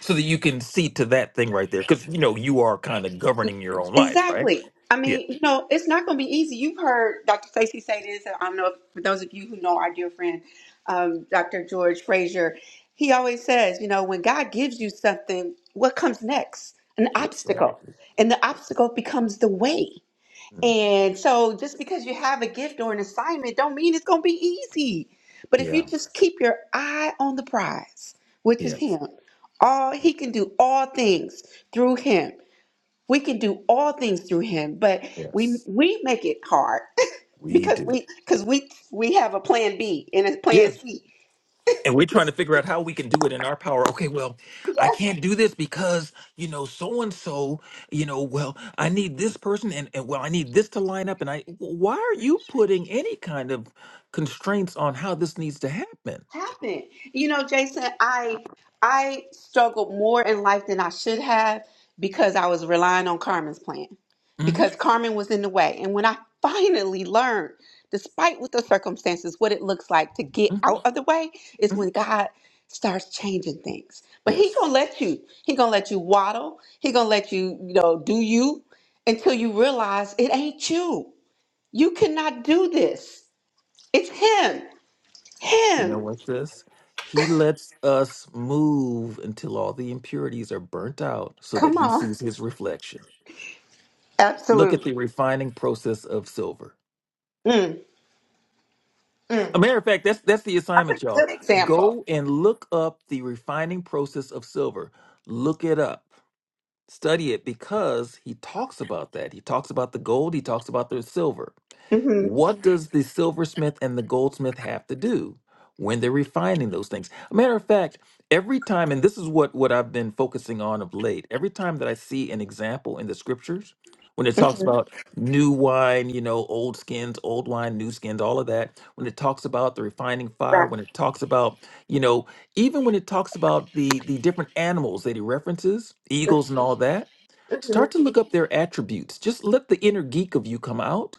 Speaker 2: so that you can see to that thing right there. Because, you know, you are kind of governing your own life, right?
Speaker 3: Exactly. I
Speaker 2: Yeah.
Speaker 3: mean, you know, it's not going to be easy. You've heard Dr. Stacey say this. and I don't know if for those of you who know our dear friend, um, Dr. George Frazier, he always says, you know, when God gives you something, what comes next? An obstacle.
Speaker 2: Exactly.
Speaker 3: And the obstacle becomes the way.
Speaker 2: Mhm.
Speaker 3: And so just because you have a gift or an assignment don't mean it's going to be easy. But if you
Speaker 2: Yeah.
Speaker 3: just keep your eye on the prize, which is
Speaker 2: Yes.
Speaker 3: him, all he can do all things through him we can do all things through him, but we
Speaker 2: Yes.
Speaker 3: we make it hard
Speaker 2: We
Speaker 3: because
Speaker 2: do.
Speaker 3: we because we we have a plan B and a
Speaker 2: Yeah.
Speaker 3: plan C.
Speaker 2: and we're trying to figure out how we can do it in our power. Okay, well, I can't do this because, you know, so and so, you know, well, I need this person and, and well, I need this to line up. And I, why are you putting any kind of constraints on how this needs to happen?
Speaker 3: happened. You know, Jason, I I struggled more in life than I should have because I was relying on Carmen's plan.
Speaker 2: hmm
Speaker 3: Because Carmen was in the way. And when I finally learned, despite what the circumstances, what it looks like to get
Speaker 2: hmm
Speaker 3: out of the way is
Speaker 2: hmm
Speaker 3: when God starts changing things. But he
Speaker 2: Yes.
Speaker 3: gonna let you, he gonna let you waddle, he gonna let you, you know, do you until you realize it ain't you. You cannot do this. It's him.
Speaker 2: You know
Speaker 3: Him.
Speaker 2: what, this? He lets us move until all the impurities are burnt out so that
Speaker 3: Come
Speaker 2: he
Speaker 3: on.
Speaker 2: sees his reflection. Look at
Speaker 3: Absolutely.
Speaker 2: the refining process of silver.
Speaker 3: Mm, mm.
Speaker 2: A matter of fact, that's that's the
Speaker 3: That's
Speaker 2: assignment,
Speaker 3: a
Speaker 2: y'all.
Speaker 3: good example.
Speaker 2: Go and look up the refining process of silver. Look it up. Study it because he talks about that. He talks about the gold, he talks about the silver.
Speaker 3: hmm
Speaker 2: What does the silversmith and the goldsmith have to do when they're refining those things? A matter of fact, every time, and this is what, what I've been focusing on of late, every time that I see an example in the scriptures, when it talks
Speaker 3: hmm
Speaker 2: about new wine, you know, old skins, old wine, new skins, all of that, when it talks about the refining fire,
Speaker 3: Right.
Speaker 2: when it talks about, you know, even when it talks about the the different animals that he references, eagles and all that,
Speaker 3: hmm
Speaker 2: start to look up their attributes. Just let the inner geek of you come out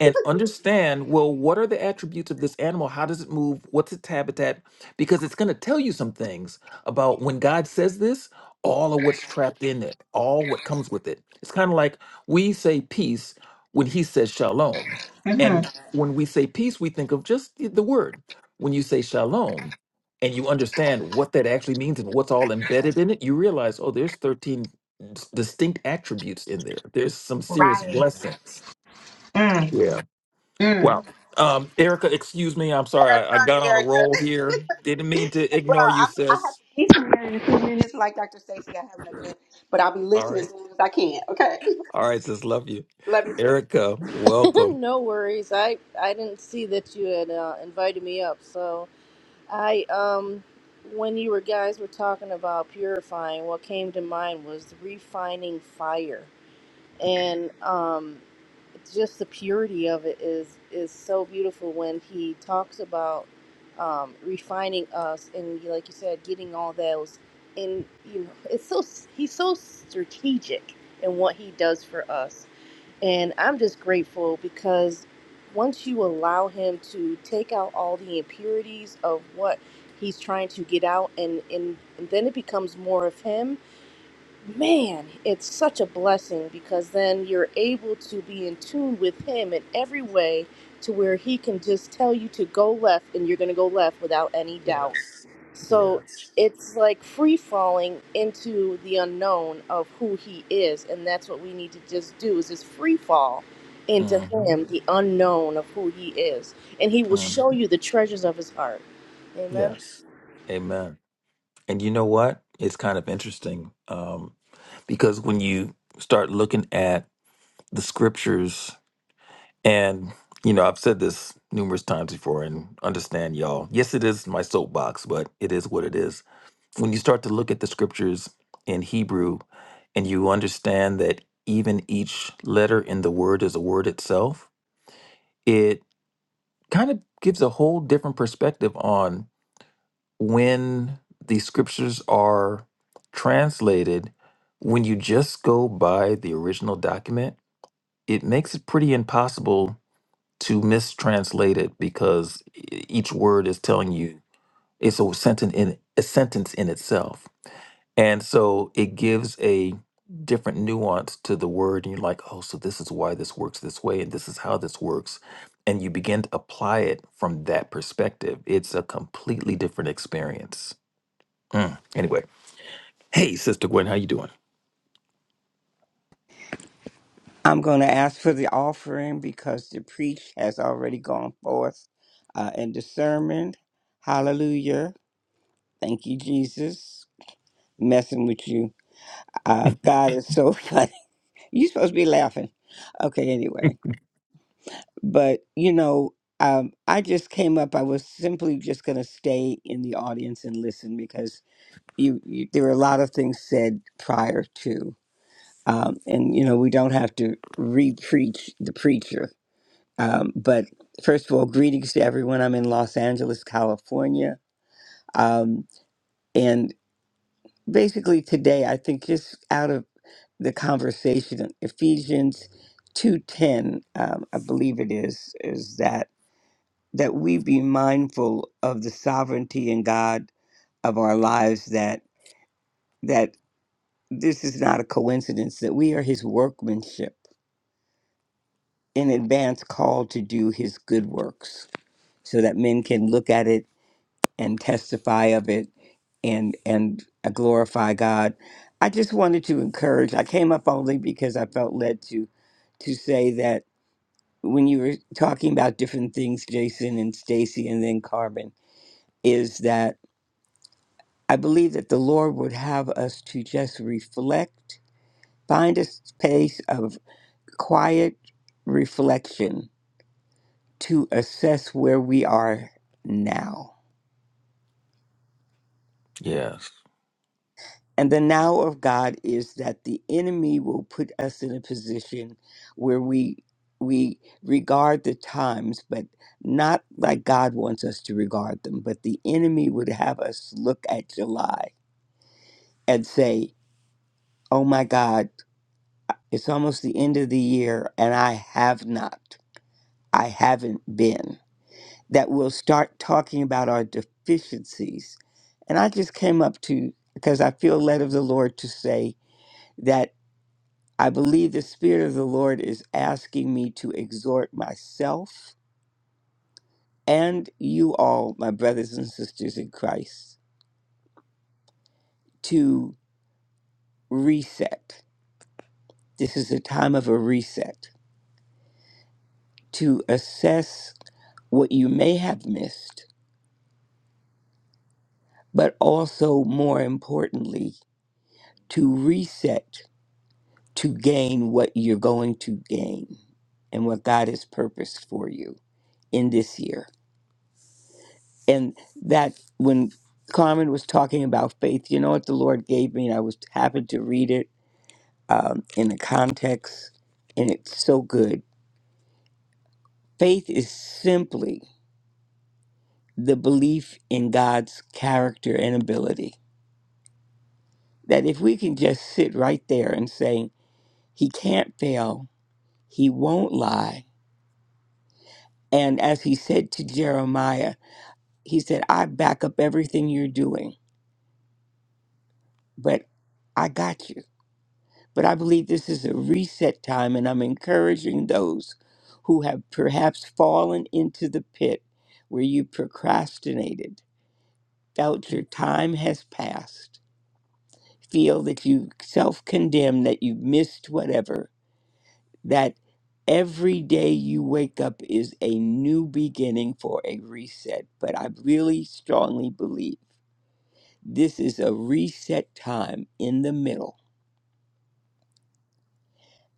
Speaker 2: and understand well what are the attributes of this animal how does it move what's its habitat because it's going to tell you some things about when god says this all of what's trapped in it all what comes with it it's kind of like we say peace when he says shalom and when we say peace we think of just the the word when you say shalom and you understand what that actually means and what's all embedded in it you realize oh there's 13 s- distinct attributes in there there's some serious
Speaker 3: Right.
Speaker 2: blessings
Speaker 3: Mm,
Speaker 2: Yeah.
Speaker 3: mm.
Speaker 2: Wow. Um, Erica, excuse me. I'm
Speaker 3: Yeah,
Speaker 2: sorry. I, I
Speaker 3: sorry,
Speaker 2: got on a
Speaker 3: Erica.
Speaker 2: roll here. Didn't mean to
Speaker 3: And bro,
Speaker 2: ignore you,
Speaker 3: I'm, I have
Speaker 2: sis.
Speaker 3: to be somewhere in a few minutes. Like Dr. Stacy, I have an event, but I'll be
Speaker 2: All
Speaker 3: listening as
Speaker 2: right.
Speaker 3: long as I can. Okay.
Speaker 2: All right, sis. Love you.
Speaker 3: Love you too.
Speaker 2: Erica, welcome.
Speaker 4: no worries. I I didn't see that you had uh, invited me up. So I um when you were guys were talking about purifying, what came to mind was the refining fire, and um just the purity of it is is so beautiful when he talks about um, refining us and like you said, getting all those in you know it's so he's so strategic in what he does for us and I'm just grateful because once you allow him to take out all the impurities of what he's trying to get out and, and, and then it becomes more of him, man, it's such a blessing because then you're able to be in tune with him in every way to where he can just tell you to go left and you're going to go left without any doubt
Speaker 2: Yes.
Speaker 4: so
Speaker 2: Yes.
Speaker 4: it's like free falling into the unknown of who he is, and that's what we need to just do is just free fall into
Speaker 2: hmm
Speaker 4: him, the unknown of who he is, and he will
Speaker 2: hmm
Speaker 4: show you the treasures of his heart. Amen.
Speaker 2: Yes. Amen. And you know what? It's kind of interesting um, because when you start looking at the scriptures And, you know, I've said this numerous times before and understand y'all. Yes, it is my soapbox, but it is what it is. When you start to look at the scriptures in Hebrew and you understand that even each letter in the word is a word itself, it kind of gives a whole different perspective on when the scriptures are translated. When you just go by the original document, it makes it pretty impossible to mistranslate it because e- each word is telling you it's a sentence in a sentence in itself. And so it gives a different nuance to the word and you're like, "Oh, so this is why this works this way and this is how this works." And you begin to apply it from that perspective. It's a completely different experience. Mm. Anyway, hey, Sister Gwen, how you doing?
Speaker 5: I'm going to ask for the offering because the preach has already gone forth uh, in the sermon. Hallelujah. Thank you, Jesus. Messing with you. Uh, God is so funny. You're supposed to be laughing. Okay, anyway. But, you know, um, I just came up. I was simply just going to stay in the audience and listen because you, you there were a lot of things said prior to. Um, and, you know, we don't have to re preach the preacher Um, but first of all, greetings to everyone. I'm in Los Angeles, California. Um, and basically, today, I think just out of the conversation, Ephesians 2:10, um, I believe it is, is that that we be mindful of the sovereignty in God of our lives. That that this is not a coincidence. That we are His workmanship in advance, called to do His good works, so that men can look at it and testify of it and and uh, glorify God. I just wanted to encourage. I came up only because I felt led to to say that when you were talking about different things, Jason and Stacy and then Carbon, is that I believe that the Lord would have us to just reflect, find a space of quiet reflection to assess where we are now
Speaker 2: Yes.
Speaker 5: And the now of God is that the enemy will put us in a position where we we regard the times, but not like God wants us to regard them. But the enemy would have us look at July and say, Oh my God, it's almost the end of the year and I have not. I haven't been. That we'll start talking about our deficiencies. And I just came up to because I feel led of the Lord to say that I believe the Spirit of the Lord is asking me to exhort myself and you all, my brothers and sisters in Christ, to reset. This is a time of a reset, to assess what you may have missed, but also, more importantly, to reset to gain what you're going to gain and what God has purposed for you in this year. and that when Carmen was talking about faith, you know what the Lord gave me, and I was happened to read it um, in the context, and it's so good. Faith is simply the belief in God's character and ability. That if we can just sit right there and say, He can't fail, He won't lie. And as He said to Jeremiah, He said, I back up everything you're doing, but I got you. But I believe this is a reset time, and I'm encouraging those who have perhaps fallen into the pit where you procrastinated, felt your time has passed, feel that you self condemn, that you missed whatever, that every day you wake up is a new beginning for a reset. But I really strongly believe this is a reset time in the middle,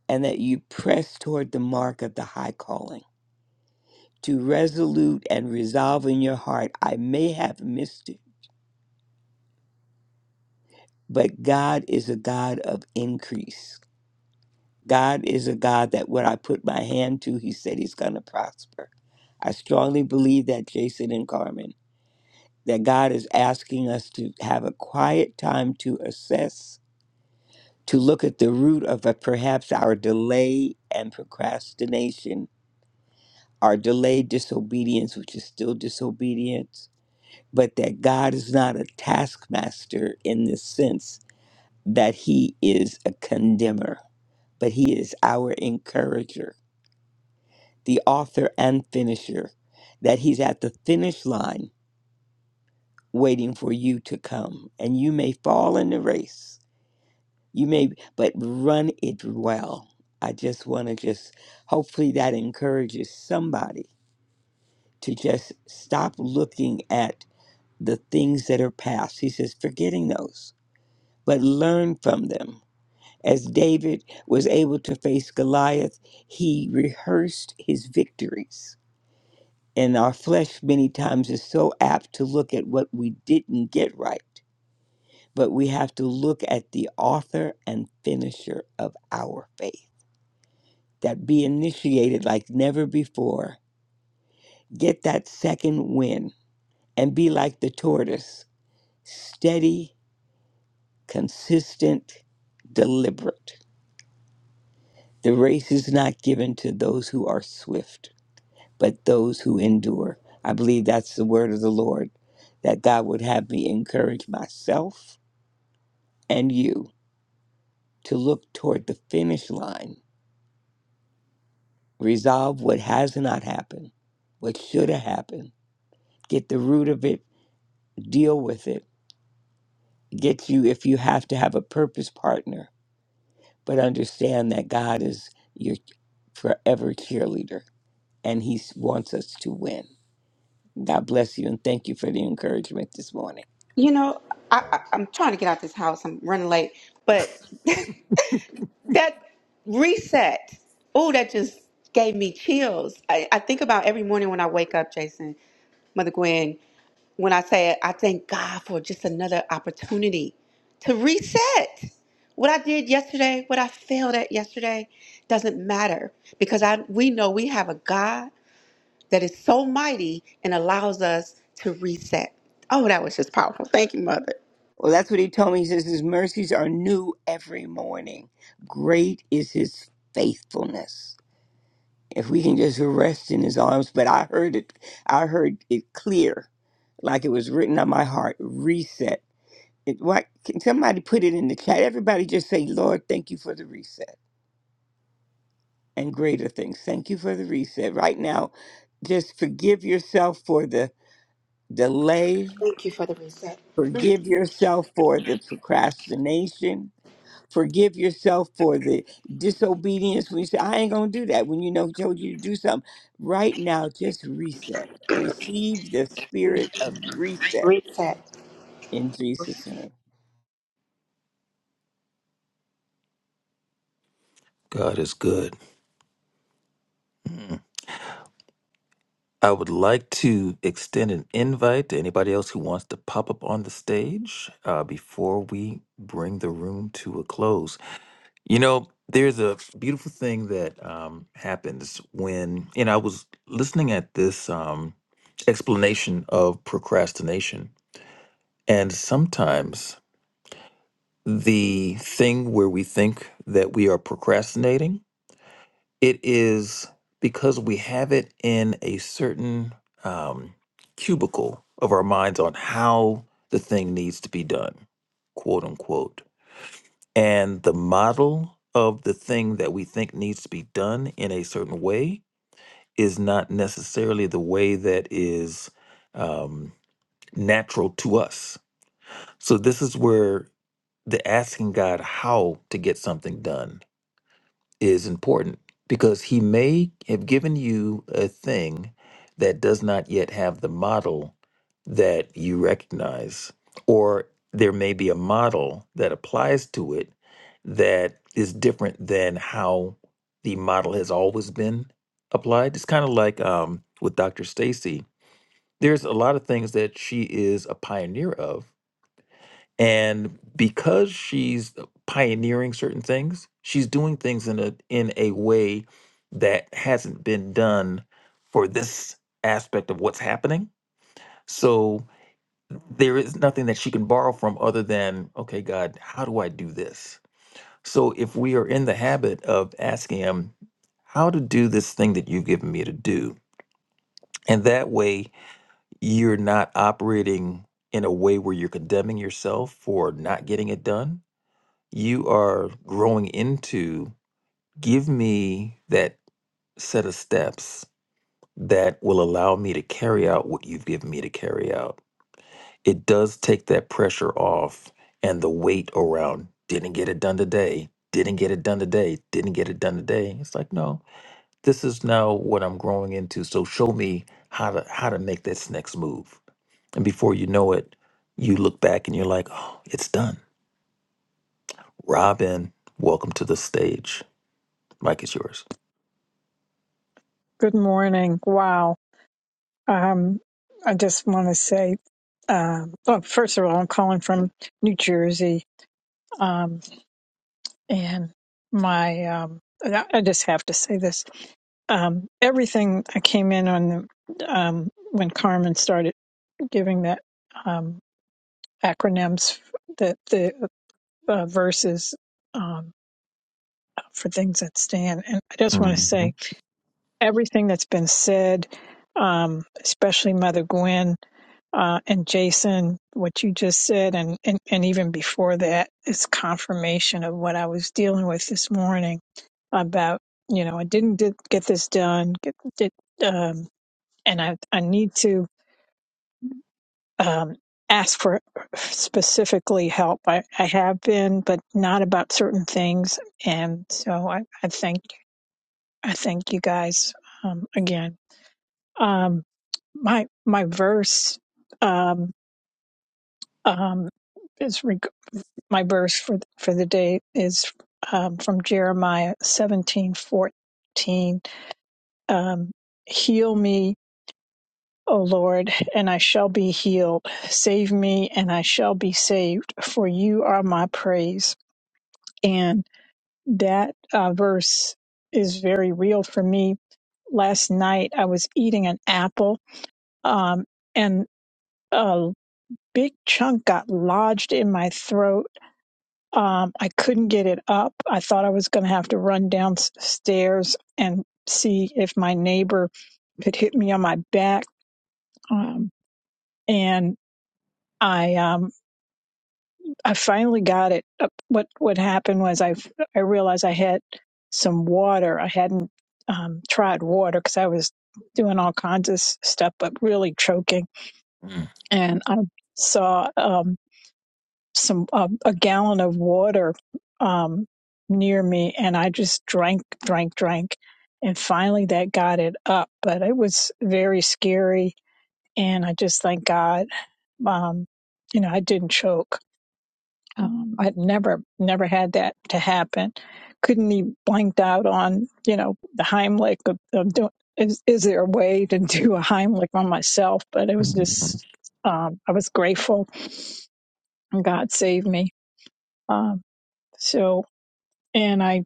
Speaker 5: and that you press toward the mark of the high calling to resolute and resolve in your heart. I may have missed it, but God is a God of increase. God is a God that what I put my hand to, He said He's going to prosper. I strongly believe that, Jason and Carmen, that God is asking us to have a quiet time to assess, to look at the root of uh, perhaps our delay and procrastination, our delayed disobedience, which is still disobedience but that God is not a taskmaster in the sense that he is a condemner, but he is our encourager, the author and finisher, that he's at the finish line waiting for you to come. And you may fall in the race, you may, but run it well. I just want to just, hopefully, that encourages somebody to just stop looking at the things that are past. He says, forgetting those but learn from them. As David was able to face Goliath, he rehearsed his victories. And our flesh, many times, is so apt to look at what we didn't get right, but we have to look at the author and finisher of our faith. That be initiated like never before. Get that second win and be like the tortoise steady, consistent, deliberate The race is not given to those who are swift, but those who endure. I believe that's the word of the Lord, that God would have me encourage myself and you to look toward the finish line, resolve what has not happened, what should have happened, get the root of it, deal with it, get you if you have to have a purpose partner, but understand that God is your forever cheerleader and He wants us to win. God bless you and thank you for the encouragement this morning.
Speaker 3: You know, I, I, I'm trying to get out this house. I'm running late, but that reset. Oh, that just gave me chills. I, I think about every morning when I wake up, Jason, Mother Gwen. when I say I thank God for just another opportunity to reset. What I did yesterday, what I failed at yesterday, doesn't matter because I we know we have a God that is so mighty and allows us to reset. Oh, that was just powerful. Thank you, Mother.
Speaker 5: Well, that's what he told me. He says his mercies are new every morning. Great is his faithfulness. If we can just rest in his arms, but I heard it, I heard it clear, like it was written on my heart. Reset. It, what? Can somebody put it in the chat? Everybody just say, Lord, thank you for the reset and greater things. Thank you for the reset. Right now, just forgive yourself for the delay
Speaker 3: Thank you for the reset.
Speaker 5: Forgive yourself for the procrastination. Forgive yourself for the disobedience when you say, I ain't going to do that. When you know he told you to do something. Right now, just reset. Receive the spirit of reset
Speaker 3: Reset.
Speaker 5: in Jesus' name.
Speaker 2: God is good. Mm. I would like to extend an invite to anybody else who wants to pop up on the stage uh, before we bring the room to a close. You know, there's a beautiful thing that um, happens when, and I was listening at this um, explanation of procrastination, and sometimes the thing where we think that we are procrastinating it is because we have it in a certain um, cubicle of our minds on how the thing needs to be done, quote unquote. And the model of the thing that we think needs to be done in a certain way is not necessarily the way that is um, natural to us. So, this is where the asking God how to get something done is important because he may have given you a thing that does not yet have the model that you recognize, or there may be a model that applies to it that is different than how the model has always been applied. It's kind of like um, with Dr. Stacy. There's a lot of things that she is a pioneer of, and because she's pioneering certain things she's doing things in a in a way that hasn't been done for this aspect of what's happening so there is nothing that she can borrow from other than okay god how do i do this so if we are in the habit of asking him how to do this thing that you've given me to do and that way you're not operating in a way where you're condemning yourself for not getting it done you are growing into, give me that set of steps that will allow me to carry out what you've given me to carry out. It does take that pressure off and the weight around, didn't get it done today, didn't get it done today, didn't get it done today. It's like, no, this is now what I'm growing into. So show me how to how to make this next move. And before you know it, you look back and you're like, oh, it's done. Robin, welcome to the stage. Mike is yours.
Speaker 6: Good morning. Wow. Um, I just want to say, um, well, first of all, I'm calling from New Jersey. Um, and my, um, I I just have to say this. Um, everything I came in on the, um, when Carmen started giving that, um, acronyms, the, the uh, verses, um, for things that stand. And I just want to say
Speaker 2: Mhm.
Speaker 6: everything that's been said, um, especially Mother Gwen, Uh, and Jason, what you just said, and, and, and even before that, is confirmation of what I was dealing with this morning about, you know, I didn't did, get this done, get, did, um, and I, I need to um, ask for specifically help. I, I have been, but not about certain things. And so I, I thank I thank you guys um, again. Um, my my verse um, um, my verse for for the day is um, from Jeremiah seventeen fourteen. Um, Heal me, O Lord, and I shall be healed. Save me, and I shall be saved, for you are my praise. And that uh, verse is very real for me. Last night I was eating an apple, um, and a big chunk got lodged in my throat Um, I couldn't get it up. I thought I was going to have to run downstairs and see if my neighbor could hit me on my back. Um, and I, um, I finally got it. up. What what happened was I I realized I had some water. I hadn't um, tried water because I was doing all kinds of s- stuff, but really choking.
Speaker 2: Mhm.
Speaker 6: And I saw. Um, some uh, a gallon of water um, near me, and I just drank, drank, drank, and finally that got it up. But it was very scary, and I just thank God, um, you know, I didn't choke. Um, I'd never, never had that to happen. Couldn't even blanked out on, you know, the Heimlich of, of doing. Is, is there a way to do a Heimlich on myself? But it was
Speaker 2: Mhm.
Speaker 6: just, um, I was grateful, and God saved me. Um, so and I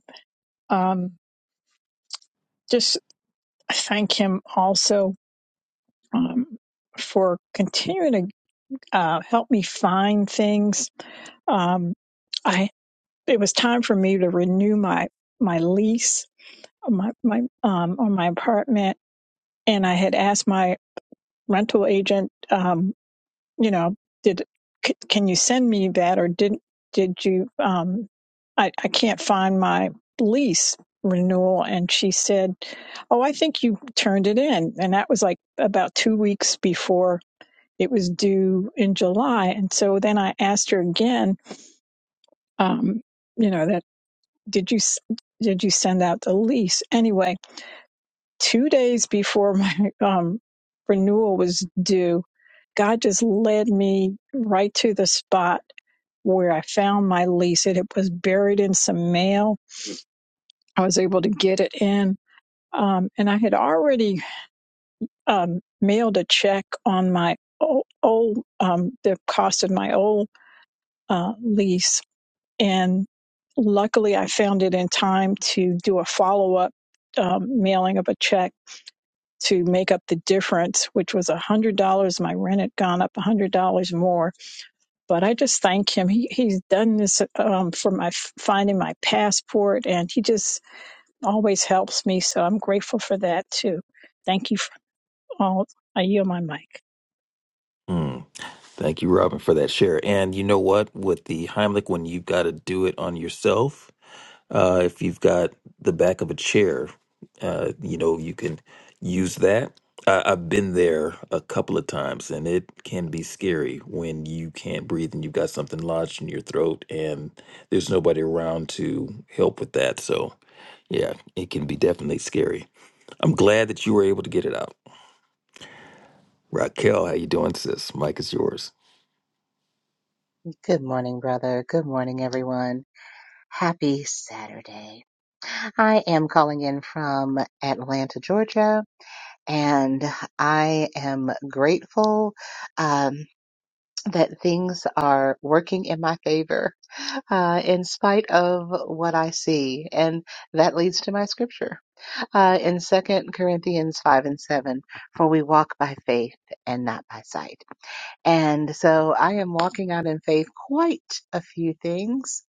Speaker 6: um, just thank him also um, for continuing to uh, help me find things. Um, I it was time for me to renew my my lease on my my um, on my apartment, and I had asked my rental agent. um, you know, did c- can you send me that or did did you um I I can't find my lease renewal and she said, "Oh, I think you turned it in." And that was like about 2 weeks before it was due in July. And so then I asked her again, um, you know, that did you s- did you send out the lease? Anyway, 2 days before my um renewal was due, God just led me right to the spot where I found my lease. It, it was buried in some mail. I was able to get it in. Um, and I had already um, mailed a check on my old, old um, the cost of my old uh, lease. And luckily, I found it in time to do a follow up um, mailing of a check to make up the difference, which was $100. My rent had gone up $100 more but I just thank him. He he's done this um, for my finding my passport, and he just always helps me. So I'm grateful for that too. Thank you for all. I yield my mic.
Speaker 2: Mm. Thank you, Robin, for that share. And you know what? With the Heimlich one, you've got to do it on yourself. Uh, if you've got the back of a chair, uh, you know, you can use that. I, I've been there a couple of times, and it can be scary when you can't breathe and you've got something lodged in your throat, and there's nobody around to help with that. So, yeah, it can be definitely scary. I'm glad that you were able to get it out. Raquel, how you doing, sis? Mike is yours.
Speaker 7: Good morning, brother. Good morning, everyone. Happy Saturday. I am calling in from Atlanta, Georgia, and I am grateful um, that things are working in my favor uh, in spite of what I see. And that leads to my scripture uh, in Second Corinthians 5 and 7 For we walk by faith and not by sight. And so I am walking out in faith quite a few things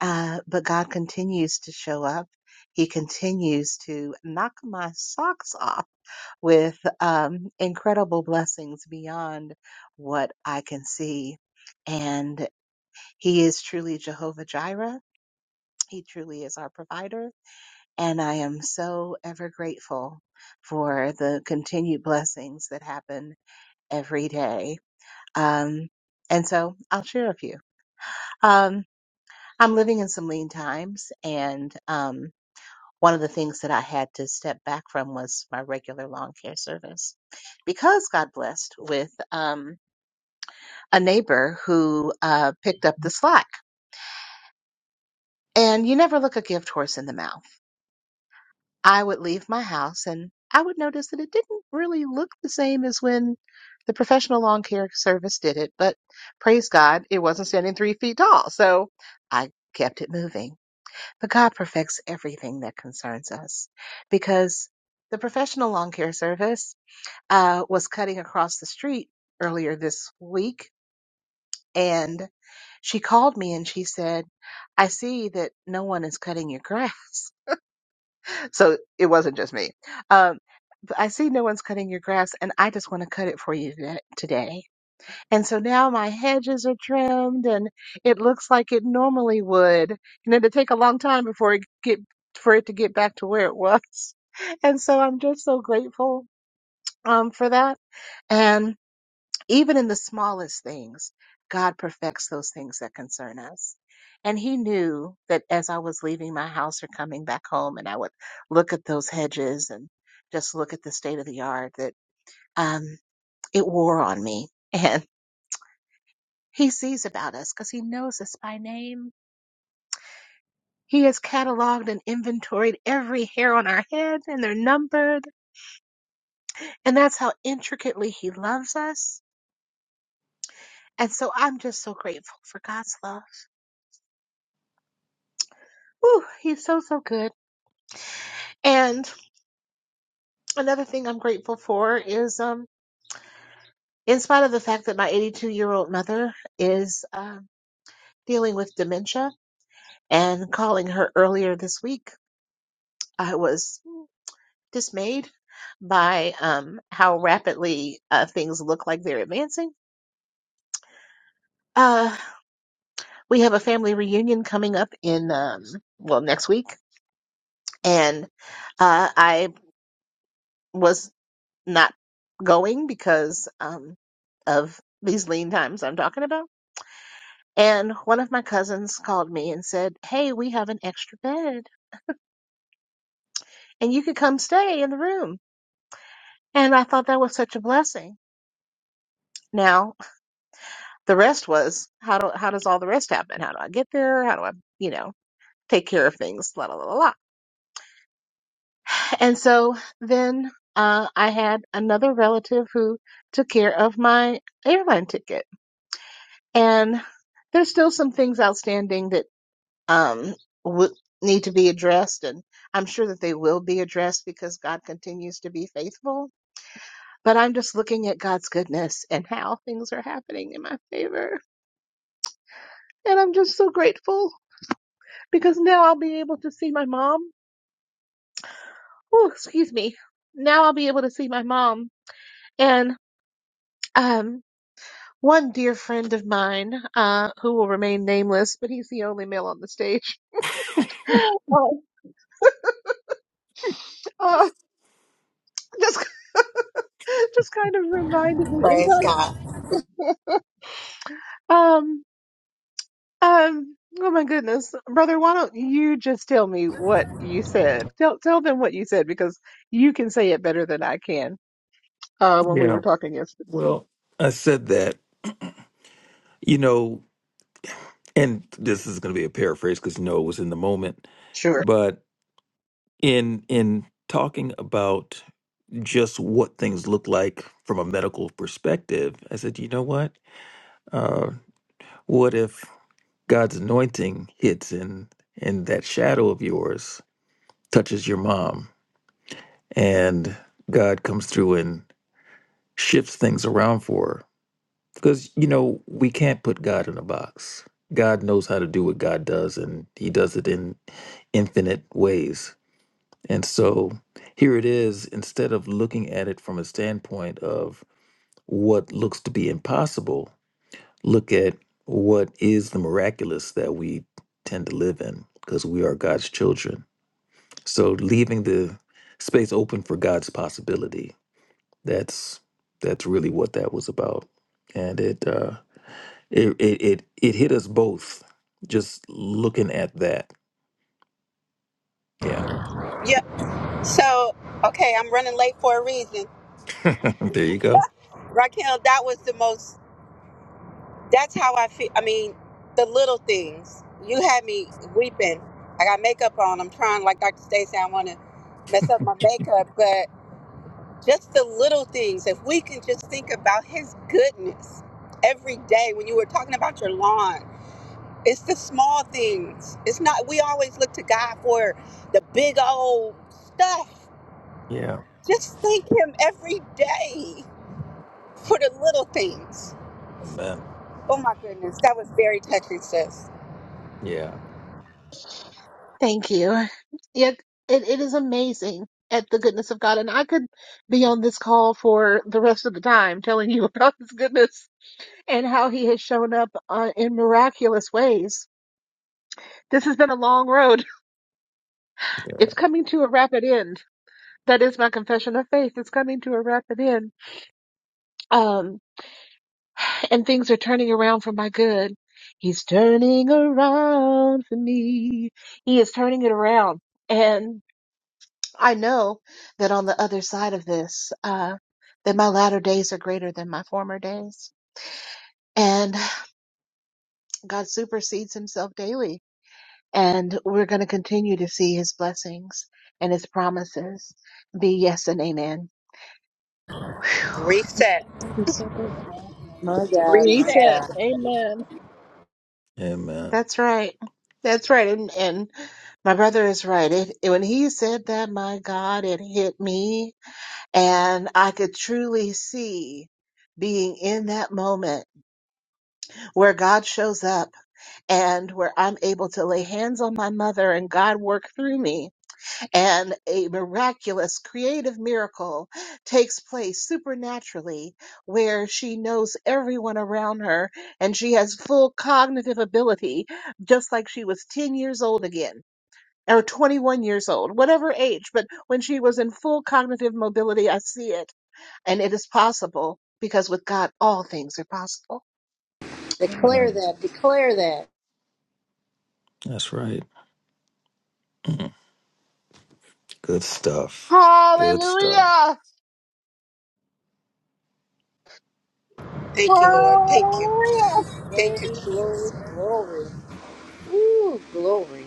Speaker 7: uh, but God continues to show up. He continues to knock my socks off with um, incredible blessings beyond what I can see. And He is truly Jehovah Jireh. He truly is our provider. And I am so ever grateful for the continued blessings that happen every day. Um, and so I'll share a few. Um, I'm living in some lean times and, um, one of the things that I had to step back from was my regular lawn care service because God blessed with um, a neighbor who uh, picked up the slack. And you never look a gift horse in the mouth. I would leave my house and I would notice that it didn't really look the same as when the professional lawn care service did it, but praise God, it wasn't standing three feet tall. So I kept it moving. But God perfects everything that concerns us because the professional lawn care service uh, was cutting across the street earlier this week and she called me and she said, I see that no one is cutting your grass. So it wasn't just me. Um, but I see no one's cutting your grass and I just want to cut it for you tha- today. And so now my hedges are trimmed and it looks like it normally would. You know, to take a long time before it get, for it to get back to where it was. And so I'm just so grateful, um, for that. even in the smallest things, God perfects those things that concern us. And he knew that as I was leaving my house or coming back home, and I would look at those hedges and just look at the state of the yard, that um, it wore on me. And he sees about us because he knows us by name. He has cataloged and inventoried every hair on our head, and they're numbered. And that's how intricately he loves us. And so I'm just so grateful for God's love. Whew, he's so, so good. And another thing I'm grateful for is, um, in spite of the fact that my 82 year old mother is um, dealing with dementia and calling her earlier this week, I was dismayed by um, how rapidly uh, things look like they're advancing. Uh, we have a family reunion coming up in, um, well, next week. And uh, I was not going because um, of these lean times I'm talking about And one of my cousins called me and said, Hey, we have an extra bed and you could come stay in the room. And I thought that was such a blessing. Now, the rest was how do how does all the rest happen? How do I get there? How do I, you know, take care of things? La la la la. la. And so then uh, I had another relative who took care of my airline ticket. And there's still some things outstanding that. um, would need to be addressed. And I'm sure that they will be addressed because God continues to be faithful. But I'm just looking at God's goodness and how things are happening in my favor. And I'm just so grateful because now I'll be able to see my mom. Oh, excuse me. Now I'll be able to see my mom. And, um, one dear friend of mine, uh, who will remain nameless, but he's the only male on the stage. Uh, uh, just, just kind of reminded me. In
Speaker 3: Praise
Speaker 7: fact,
Speaker 3: God.
Speaker 7: um, Um, oh my goodness. Brother, why don't you just tell me what you said? Tell tell them what you said because you can say it better than I can. Uh, when we were
Speaker 2: Yeah.
Speaker 7: talking yesterday.
Speaker 2: Well, I said that, you know, and this is going to be a paraphrase because no, it was in the moment,
Speaker 7: Sure.
Speaker 2: but in in talking about just what things look like from a medical perspective, I said, you know what? Uh, what if God's anointing hits and and that shadow of yours touches your mom, and God comes through and shifts things around for her? Because, you know, we can't put God in a box. God knows how to do what God does, and He does it in infinite ways. And so here it is, instead of looking at it from a standpoint of what looks to be impossible, look at what is the miraculous that we tend to live in because we are God's children. So leaving the space open for God's possibility. That's that's really what that was about. And it uh It it it, it hit us both just looking at that. Yeah.
Speaker 3: Yep. So, okay, I'm running late for a reason.
Speaker 2: there you go.
Speaker 3: Raquel, that was the most that's how I feel. I mean, the little things. You had me weeping. I got makeup on. I'm trying, like Dr. Stacey, I don't want to mess up my makeup, but just the little things. If we can just think about His goodness every day, when you were talking about your lawn, it's the small things. It's not. We always look to God for the big old stuff.
Speaker 2: Yeah.
Speaker 3: Just thank Him every day for the little things.
Speaker 2: Amen.
Speaker 3: Oh my goodness, that was very touching, sis.
Speaker 2: Yeah.
Speaker 7: Thank you. Yet it, it is amazing at the goodness of God. And I could be on this call for the rest of the time telling you about his goodness and how he has shown up uh, in miraculous ways. This has been a long road.
Speaker 2: Yeah.
Speaker 7: It's coming to a rapid end. That is my confession of faith. It's coming to a rapid end. Um, and things are turning around for my good. He's turning around for me. He is turning it around. And I know that on the other side of this, uh, that my latter days are greater than my former days. And God supersedes himself daily. And we're going to continue to see his blessings and his promises be yes and amen. Whew.
Speaker 3: Reset.
Speaker 7: He's so good.
Speaker 3: Reset.
Speaker 7: Reset. Amen.
Speaker 2: Amen.
Speaker 7: That's right. That's right. And and my brother is right. It, it- when he said that, my God, it hit me. And I could truly see being in that moment where God shows up and where I'm able to lay hands on my mother and God work through me and a miraculous creative miracle takes place supernaturally where she knows everyone around her and she has full cognitive ability just like she was 10 years old again or 21 years old whatever age but when she was in full cognitive mobility i see it and it is possible because with god all things are possible Amen.
Speaker 4: Declare
Speaker 2: Amen.
Speaker 4: that. Declare that.
Speaker 2: That's right. Mm. Good stuff. Good stuff.
Speaker 7: hallelujah
Speaker 3: Thank you.
Speaker 7: hallelujah
Speaker 4: Glory,
Speaker 3: Thank you.
Speaker 4: glory, glory. Ooh, glory.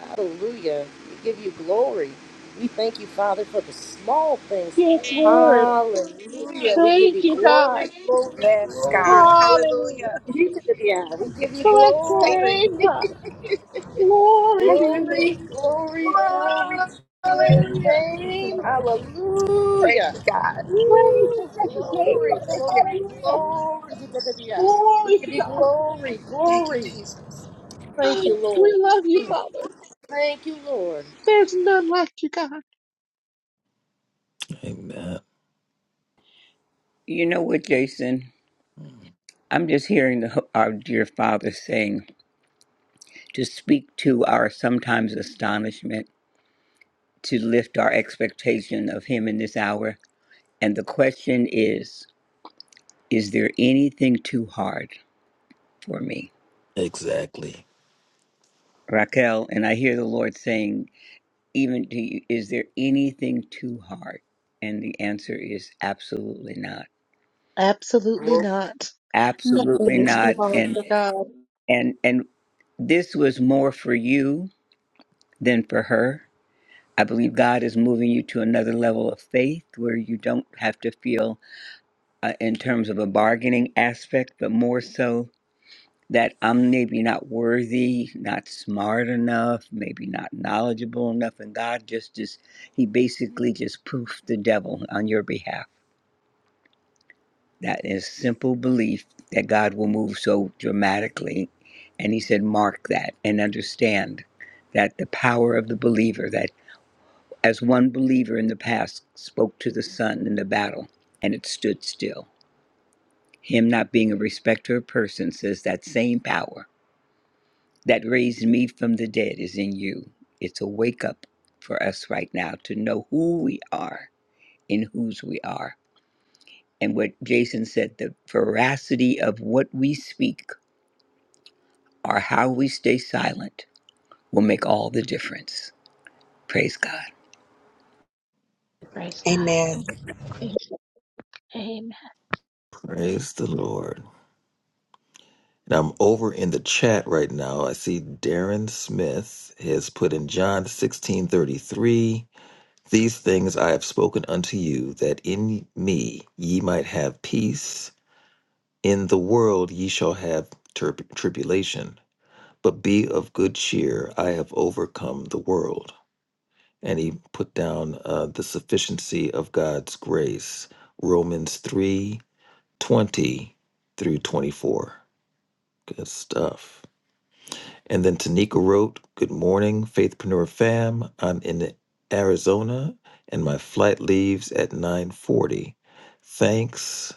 Speaker 4: Hallelujah. We give you glory. We thank you, Father, for the small things.
Speaker 7: yes lord
Speaker 4: Hallelujah. We give
Speaker 7: thank
Speaker 4: you
Speaker 7: you god
Speaker 4: glory, glory,
Speaker 3: Yes,
Speaker 4: glory.
Speaker 3: God.
Speaker 7: Hallelujah.
Speaker 3: Hallelujah.
Speaker 4: You to the yeah, we
Speaker 3: Thank you,
Speaker 4: give you
Speaker 7: Bless
Speaker 3: Jesus.
Speaker 7: your
Speaker 3: Thank
Speaker 4: glory,
Speaker 3: you.
Speaker 7: name, God. Glory
Speaker 3: Thank
Speaker 7: to your
Speaker 3: you.
Speaker 4: glory,
Speaker 7: name.
Speaker 4: glory, glory to your
Speaker 7: Hallelujah.
Speaker 3: Thank you,
Speaker 4: name.
Speaker 3: Lord. Praise
Speaker 4: Hallelujah.
Speaker 3: you, God.
Speaker 7: Praise your
Speaker 4: Woo,
Speaker 7: precious name,
Speaker 4: glory,
Speaker 3: Woo,
Speaker 7: Father.
Speaker 3: thank you.
Speaker 4: glory,
Speaker 7: Hallelujah.
Speaker 4: glory to the yeah. We
Speaker 7: Glory
Speaker 4: give
Speaker 7: to
Speaker 4: you
Speaker 7: God.
Speaker 4: glory,
Speaker 3: Thank you,
Speaker 4: glory.
Speaker 3: Jesus.
Speaker 4: Thank you,
Speaker 7: We
Speaker 4: Lord.
Speaker 7: love you, Father.
Speaker 4: Thank you, Lord.
Speaker 7: There's none like you, God.
Speaker 2: Amen.
Speaker 5: You know what, Jason?
Speaker 2: Mm.
Speaker 5: I'm just hearing the, our dear Father saying to speak to our sometimes astonishment, to lift our expectation of Him in this hour. And the question is Is there anything too hard? for me,
Speaker 2: Exactly.
Speaker 5: Raquel. And I hear the Lord saying, even to you, is there anything too hard? And the answer is absolutely not.
Speaker 7: Absolutely not. Nothing
Speaker 5: Absolutely
Speaker 7: is too
Speaker 5: not.
Speaker 7: hard
Speaker 5: And
Speaker 7: for God.
Speaker 5: and and this was more for you than for her. I believe God is moving you to another level of faith where you don't have to feel uh, in terms of a bargaining aspect, but more so that I'm maybe not worthy, not smart enough, maybe not knowledgeable enough, and God just just He basically just poofed the devil on your behalf. That is simple belief that God will move so dramatically, and He said, mark that and understand that the power of the believer. That as one believer in the past spoke to the sun in the battle, and it stood still. Him not being a respecter of persons says that same power that raised me from the dead is in you. It's a wake up for us right now to know who we are and whose we are. And what Jason said, the veracity of what we speak or how we stay silent will make all the difference. Praise God.
Speaker 3: Amen.
Speaker 2: Praise the Lord. And I'm over in the chat right now. I see Darren Smith has put in John 16:33, "These things I have spoken unto you, that in me ye might have peace. In the world ye shall have trib- tribulation, but be of good cheer. I have overcome the world. And he put down uh, the sufficiency of God's grace, Romans three twenty through 24. Good stuff. And then Tanika wrote, Good morning, Faithpreneur fam. I'm in Arizona and my flight leaves at 940. Thanks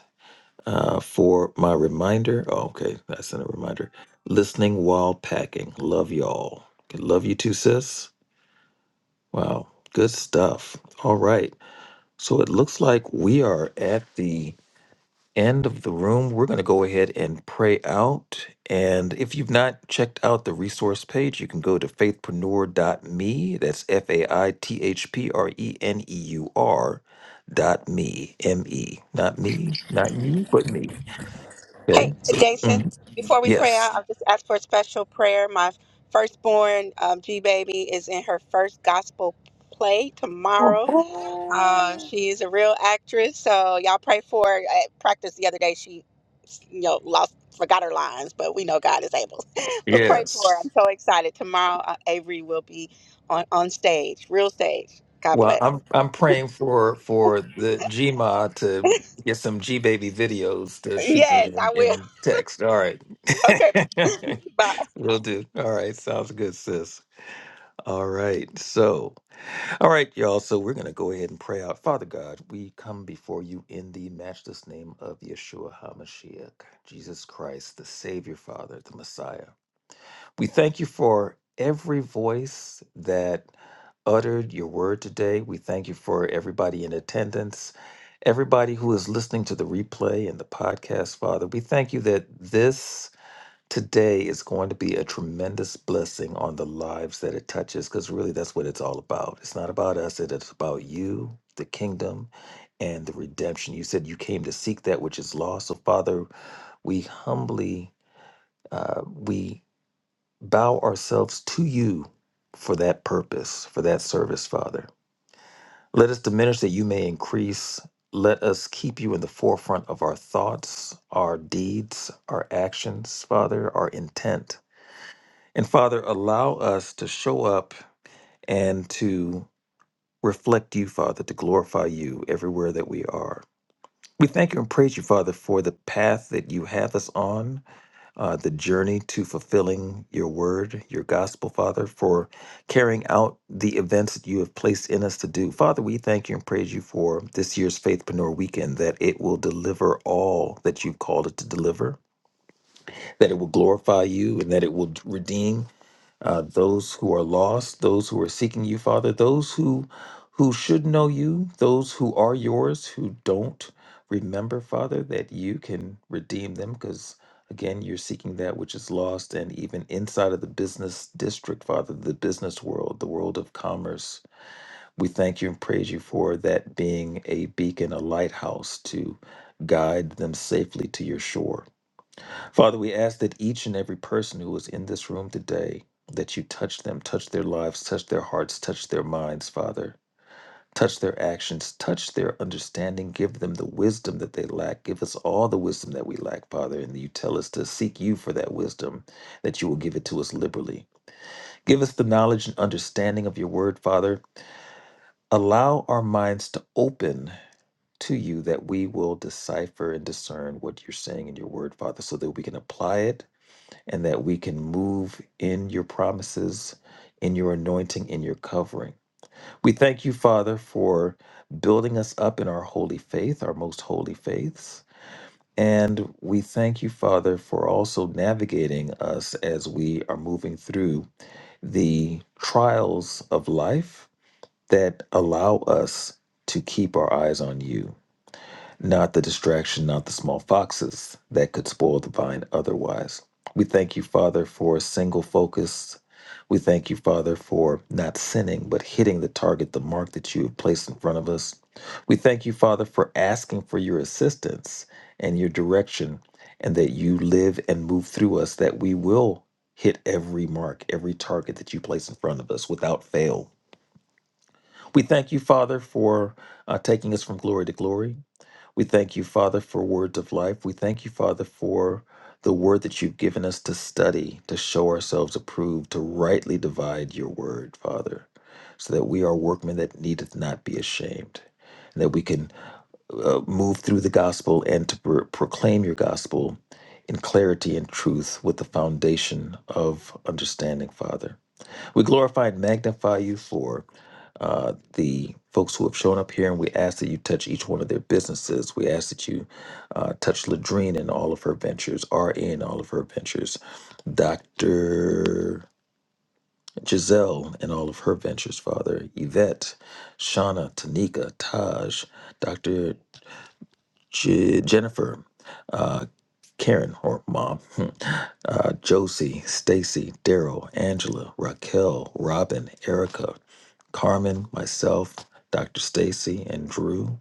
Speaker 2: uh, for my reminder. Oh, okay, I sent a reminder. Listening while packing. Love y'all. Okay, Love you too, sis. Wow, good stuff. All right. So it looks like we are at the end of the room. We're going to go ahead and pray out. And if you've not checked out the resource page, you can go to faithpreneur.me. That's F A I T H P R E N E U R dot me, M E. Not me, not you, but me. Okay.
Speaker 3: Hey,
Speaker 2: So. mm-hmm.
Speaker 3: Jason, before we pray out,
Speaker 2: Yes.
Speaker 3: I'll just ask for a special prayer. My firstborn um, G Baby is in her first gospel play tomorrow. Uh,
Speaker 2: Oh.
Speaker 3: she is a real actress, so y'all pray for her. At practice the other day, she. you know, lost, forgot her lines, but we know God is able. but pray for her. I'm
Speaker 2: Yes.
Speaker 3: so excited. Tomorrow, uh, Avery will be on, on stage, real stage. God
Speaker 2: Well,
Speaker 3: bless.
Speaker 2: I'm I'm praying for for the Gma to get some G baby videos to shoot me
Speaker 3: Yes, I
Speaker 2: in,
Speaker 3: will.
Speaker 2: in text. All right.
Speaker 3: Okay, bye.
Speaker 2: Will do. All right. Sounds good, sis. All right. So, all right, y'all. So we're gonna go ahead and pray out. Father God, we come before you in the matchless name of Yeshua HaMashiach, Jesus Christ, the Savior, Father, the Messiah. We thank you for every voice that uttered your word today. We thank you for everybody in attendance, everybody who is listening to the replay and the podcast, Father. We thank you that this today is going to be a tremendous blessing on the lives that it touches, because really that's what it's all about. It's not about us, it is about you, the kingdom. And the redemption. You said you came to seek that which is lost. So, Father, we humbly, uh, we bow ourselves to you for that purpose, for that service, Father. Let us diminish that you may increase. Let us keep you in the forefront of our thoughts, our deeds, our actions, Father, our intent. And Father, allow us to show up and to reflect you, Father, to glorify you everywhere that we are. We thank you and praise you, Father, for the path that you have us on uh, the journey to fulfilling your word, your gospel, Father, for carrying out the events that you have placed in us to do. Father, we thank you and praise you for this year's Faithpreneur Weekend, that it will deliver all that you've called it to deliver, that it will glorify you, and that it will redeem uh, those who are lost, those who are seeking you, Father, those who who should know you, those who are yours, who don't remember, Father, that you can redeem them, because again, you're seeking that which is lost, and even inside of the business district, Father, the business world, the world of commerce, we thank you and praise you for that being a beacon, a lighthouse to guide them safely to your shore. Father, we ask that each and every person who is in this room today, that you touch them, touch their lives, touch their hearts, touch their minds, Father. Touch their actions, touch their understanding, give them the wisdom that they lack. Give us all the wisdom that we lack, Father. And you tell us to seek you for that wisdom, that you will give it to us liberally. Give us the knowledge and understanding of your word, Father. Allow our minds to open to you that we will decipher and discern what you're saying in your word, Father, so that we can apply it and that we can move in your promises, in your anointing, in your covering. We thank you, Father, for building us up in our holy faith, our most holy faiths. And we thank you, Father, for also navigating us as we are moving through the trials of life that allow us to keep our eyes on you not the distraction, not the small foxes that could spoil the vine otherwise. We thank you, Father, for a single focus. We thank you, Father, for not sinning, but hitting the target, the mark that you have placed in front of us. We thank you, Father, for asking for your assistance and your direction, and that you live and move through us, that we will hit every mark, every target that you place in front of us without fail. We thank you, Father, for uh, taking us from glory to glory. We thank you, Father, for words of life. We thank you, Father, for the word that you've given us to study, to show ourselves approved, to rightly divide your word, Father, so that we are workmen that needeth not be ashamed, and that we can uh, move through the gospel and to pro- proclaim your gospel in clarity and truth with the foundation of understanding, Father. We glorify and magnify you for uh, the folks who have shown up here, and we ask that you touch each one of their businesses. We ask that you uh, touch Ladrine and all of her ventures, RA and all of her ventures, Dr. Giselle and all of her ventures, Father, Yvette, Shauna, Tanika, Taj, Dr. Je- Jennifer, uh, Karen, or mom, hmm, uh, Josie, Stacy, Daryl, Angela, Raquel, Robin, Erica, Carmen, myself, Dr. Stacy, and Drew,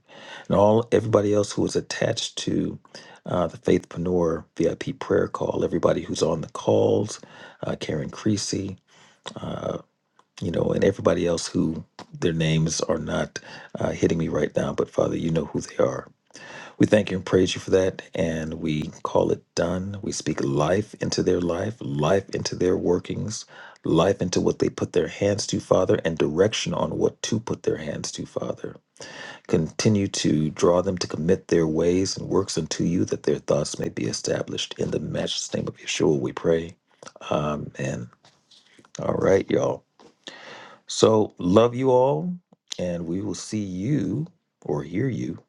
Speaker 2: and all everybody else who is attached to uh, the Faithpreneur VIP prayer call. Everybody who's on the calls, uh, Karen Creasy, uh, you know, and everybody else who their names are not uh, hitting me right now, but Father, you know who they are. We thank you and praise you for that, and we call it done. We speak life into their life, life into their workings, life into what they put their hands to, Father, and direction on what to put their hands to, Father. Continue to draw them to commit their ways and works unto you, that their thoughts may be established. In the matchless name of Yeshua, we pray. Amen. All right, y'all. So, love you all, and we will see you or hear you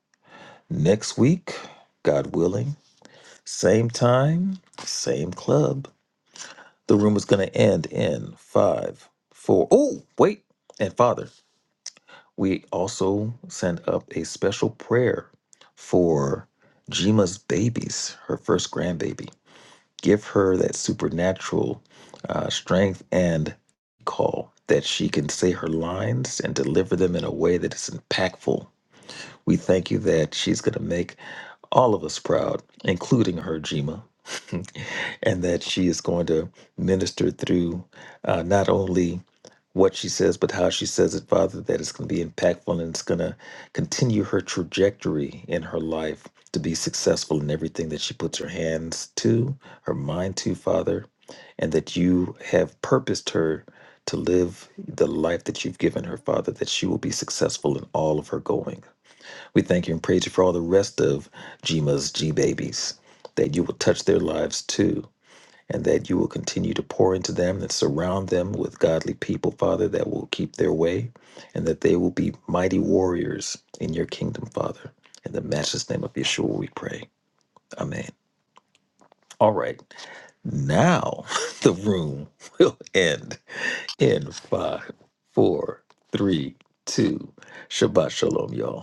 Speaker 2: next week, God willing. Same time, same club. The room is going to end in five, four. Oh, wait. And Father, we also send up a special prayer for Jima's babies, her first grandbaby. Give her that supernatural uh, strength and call that she can say her lines and deliver them in a way that is impactful. We thank you that she's going to make all of us proud, including her, Jima. and that she is going to minister through uh, not only what she says, but how she says it, Father, that it's going to be impactful and it's going to continue her trajectory in her life to be successful in everything that she puts her hands to, her mind to, Father, and that you have purposed her to live the life that you've given her, Father, that she will be successful in all of her going. We thank you and praise you for all the rest of Jima's G babies, that you will touch their lives too and that you will continue to pour into them and surround them with godly people, Father, that will keep their way and that they will be mighty warriors in your kingdom, Father. In the matchless name of Yeshua, we pray. Amen. All right. Now the room will end in five, four, three, two. Shabbat shalom, y'all.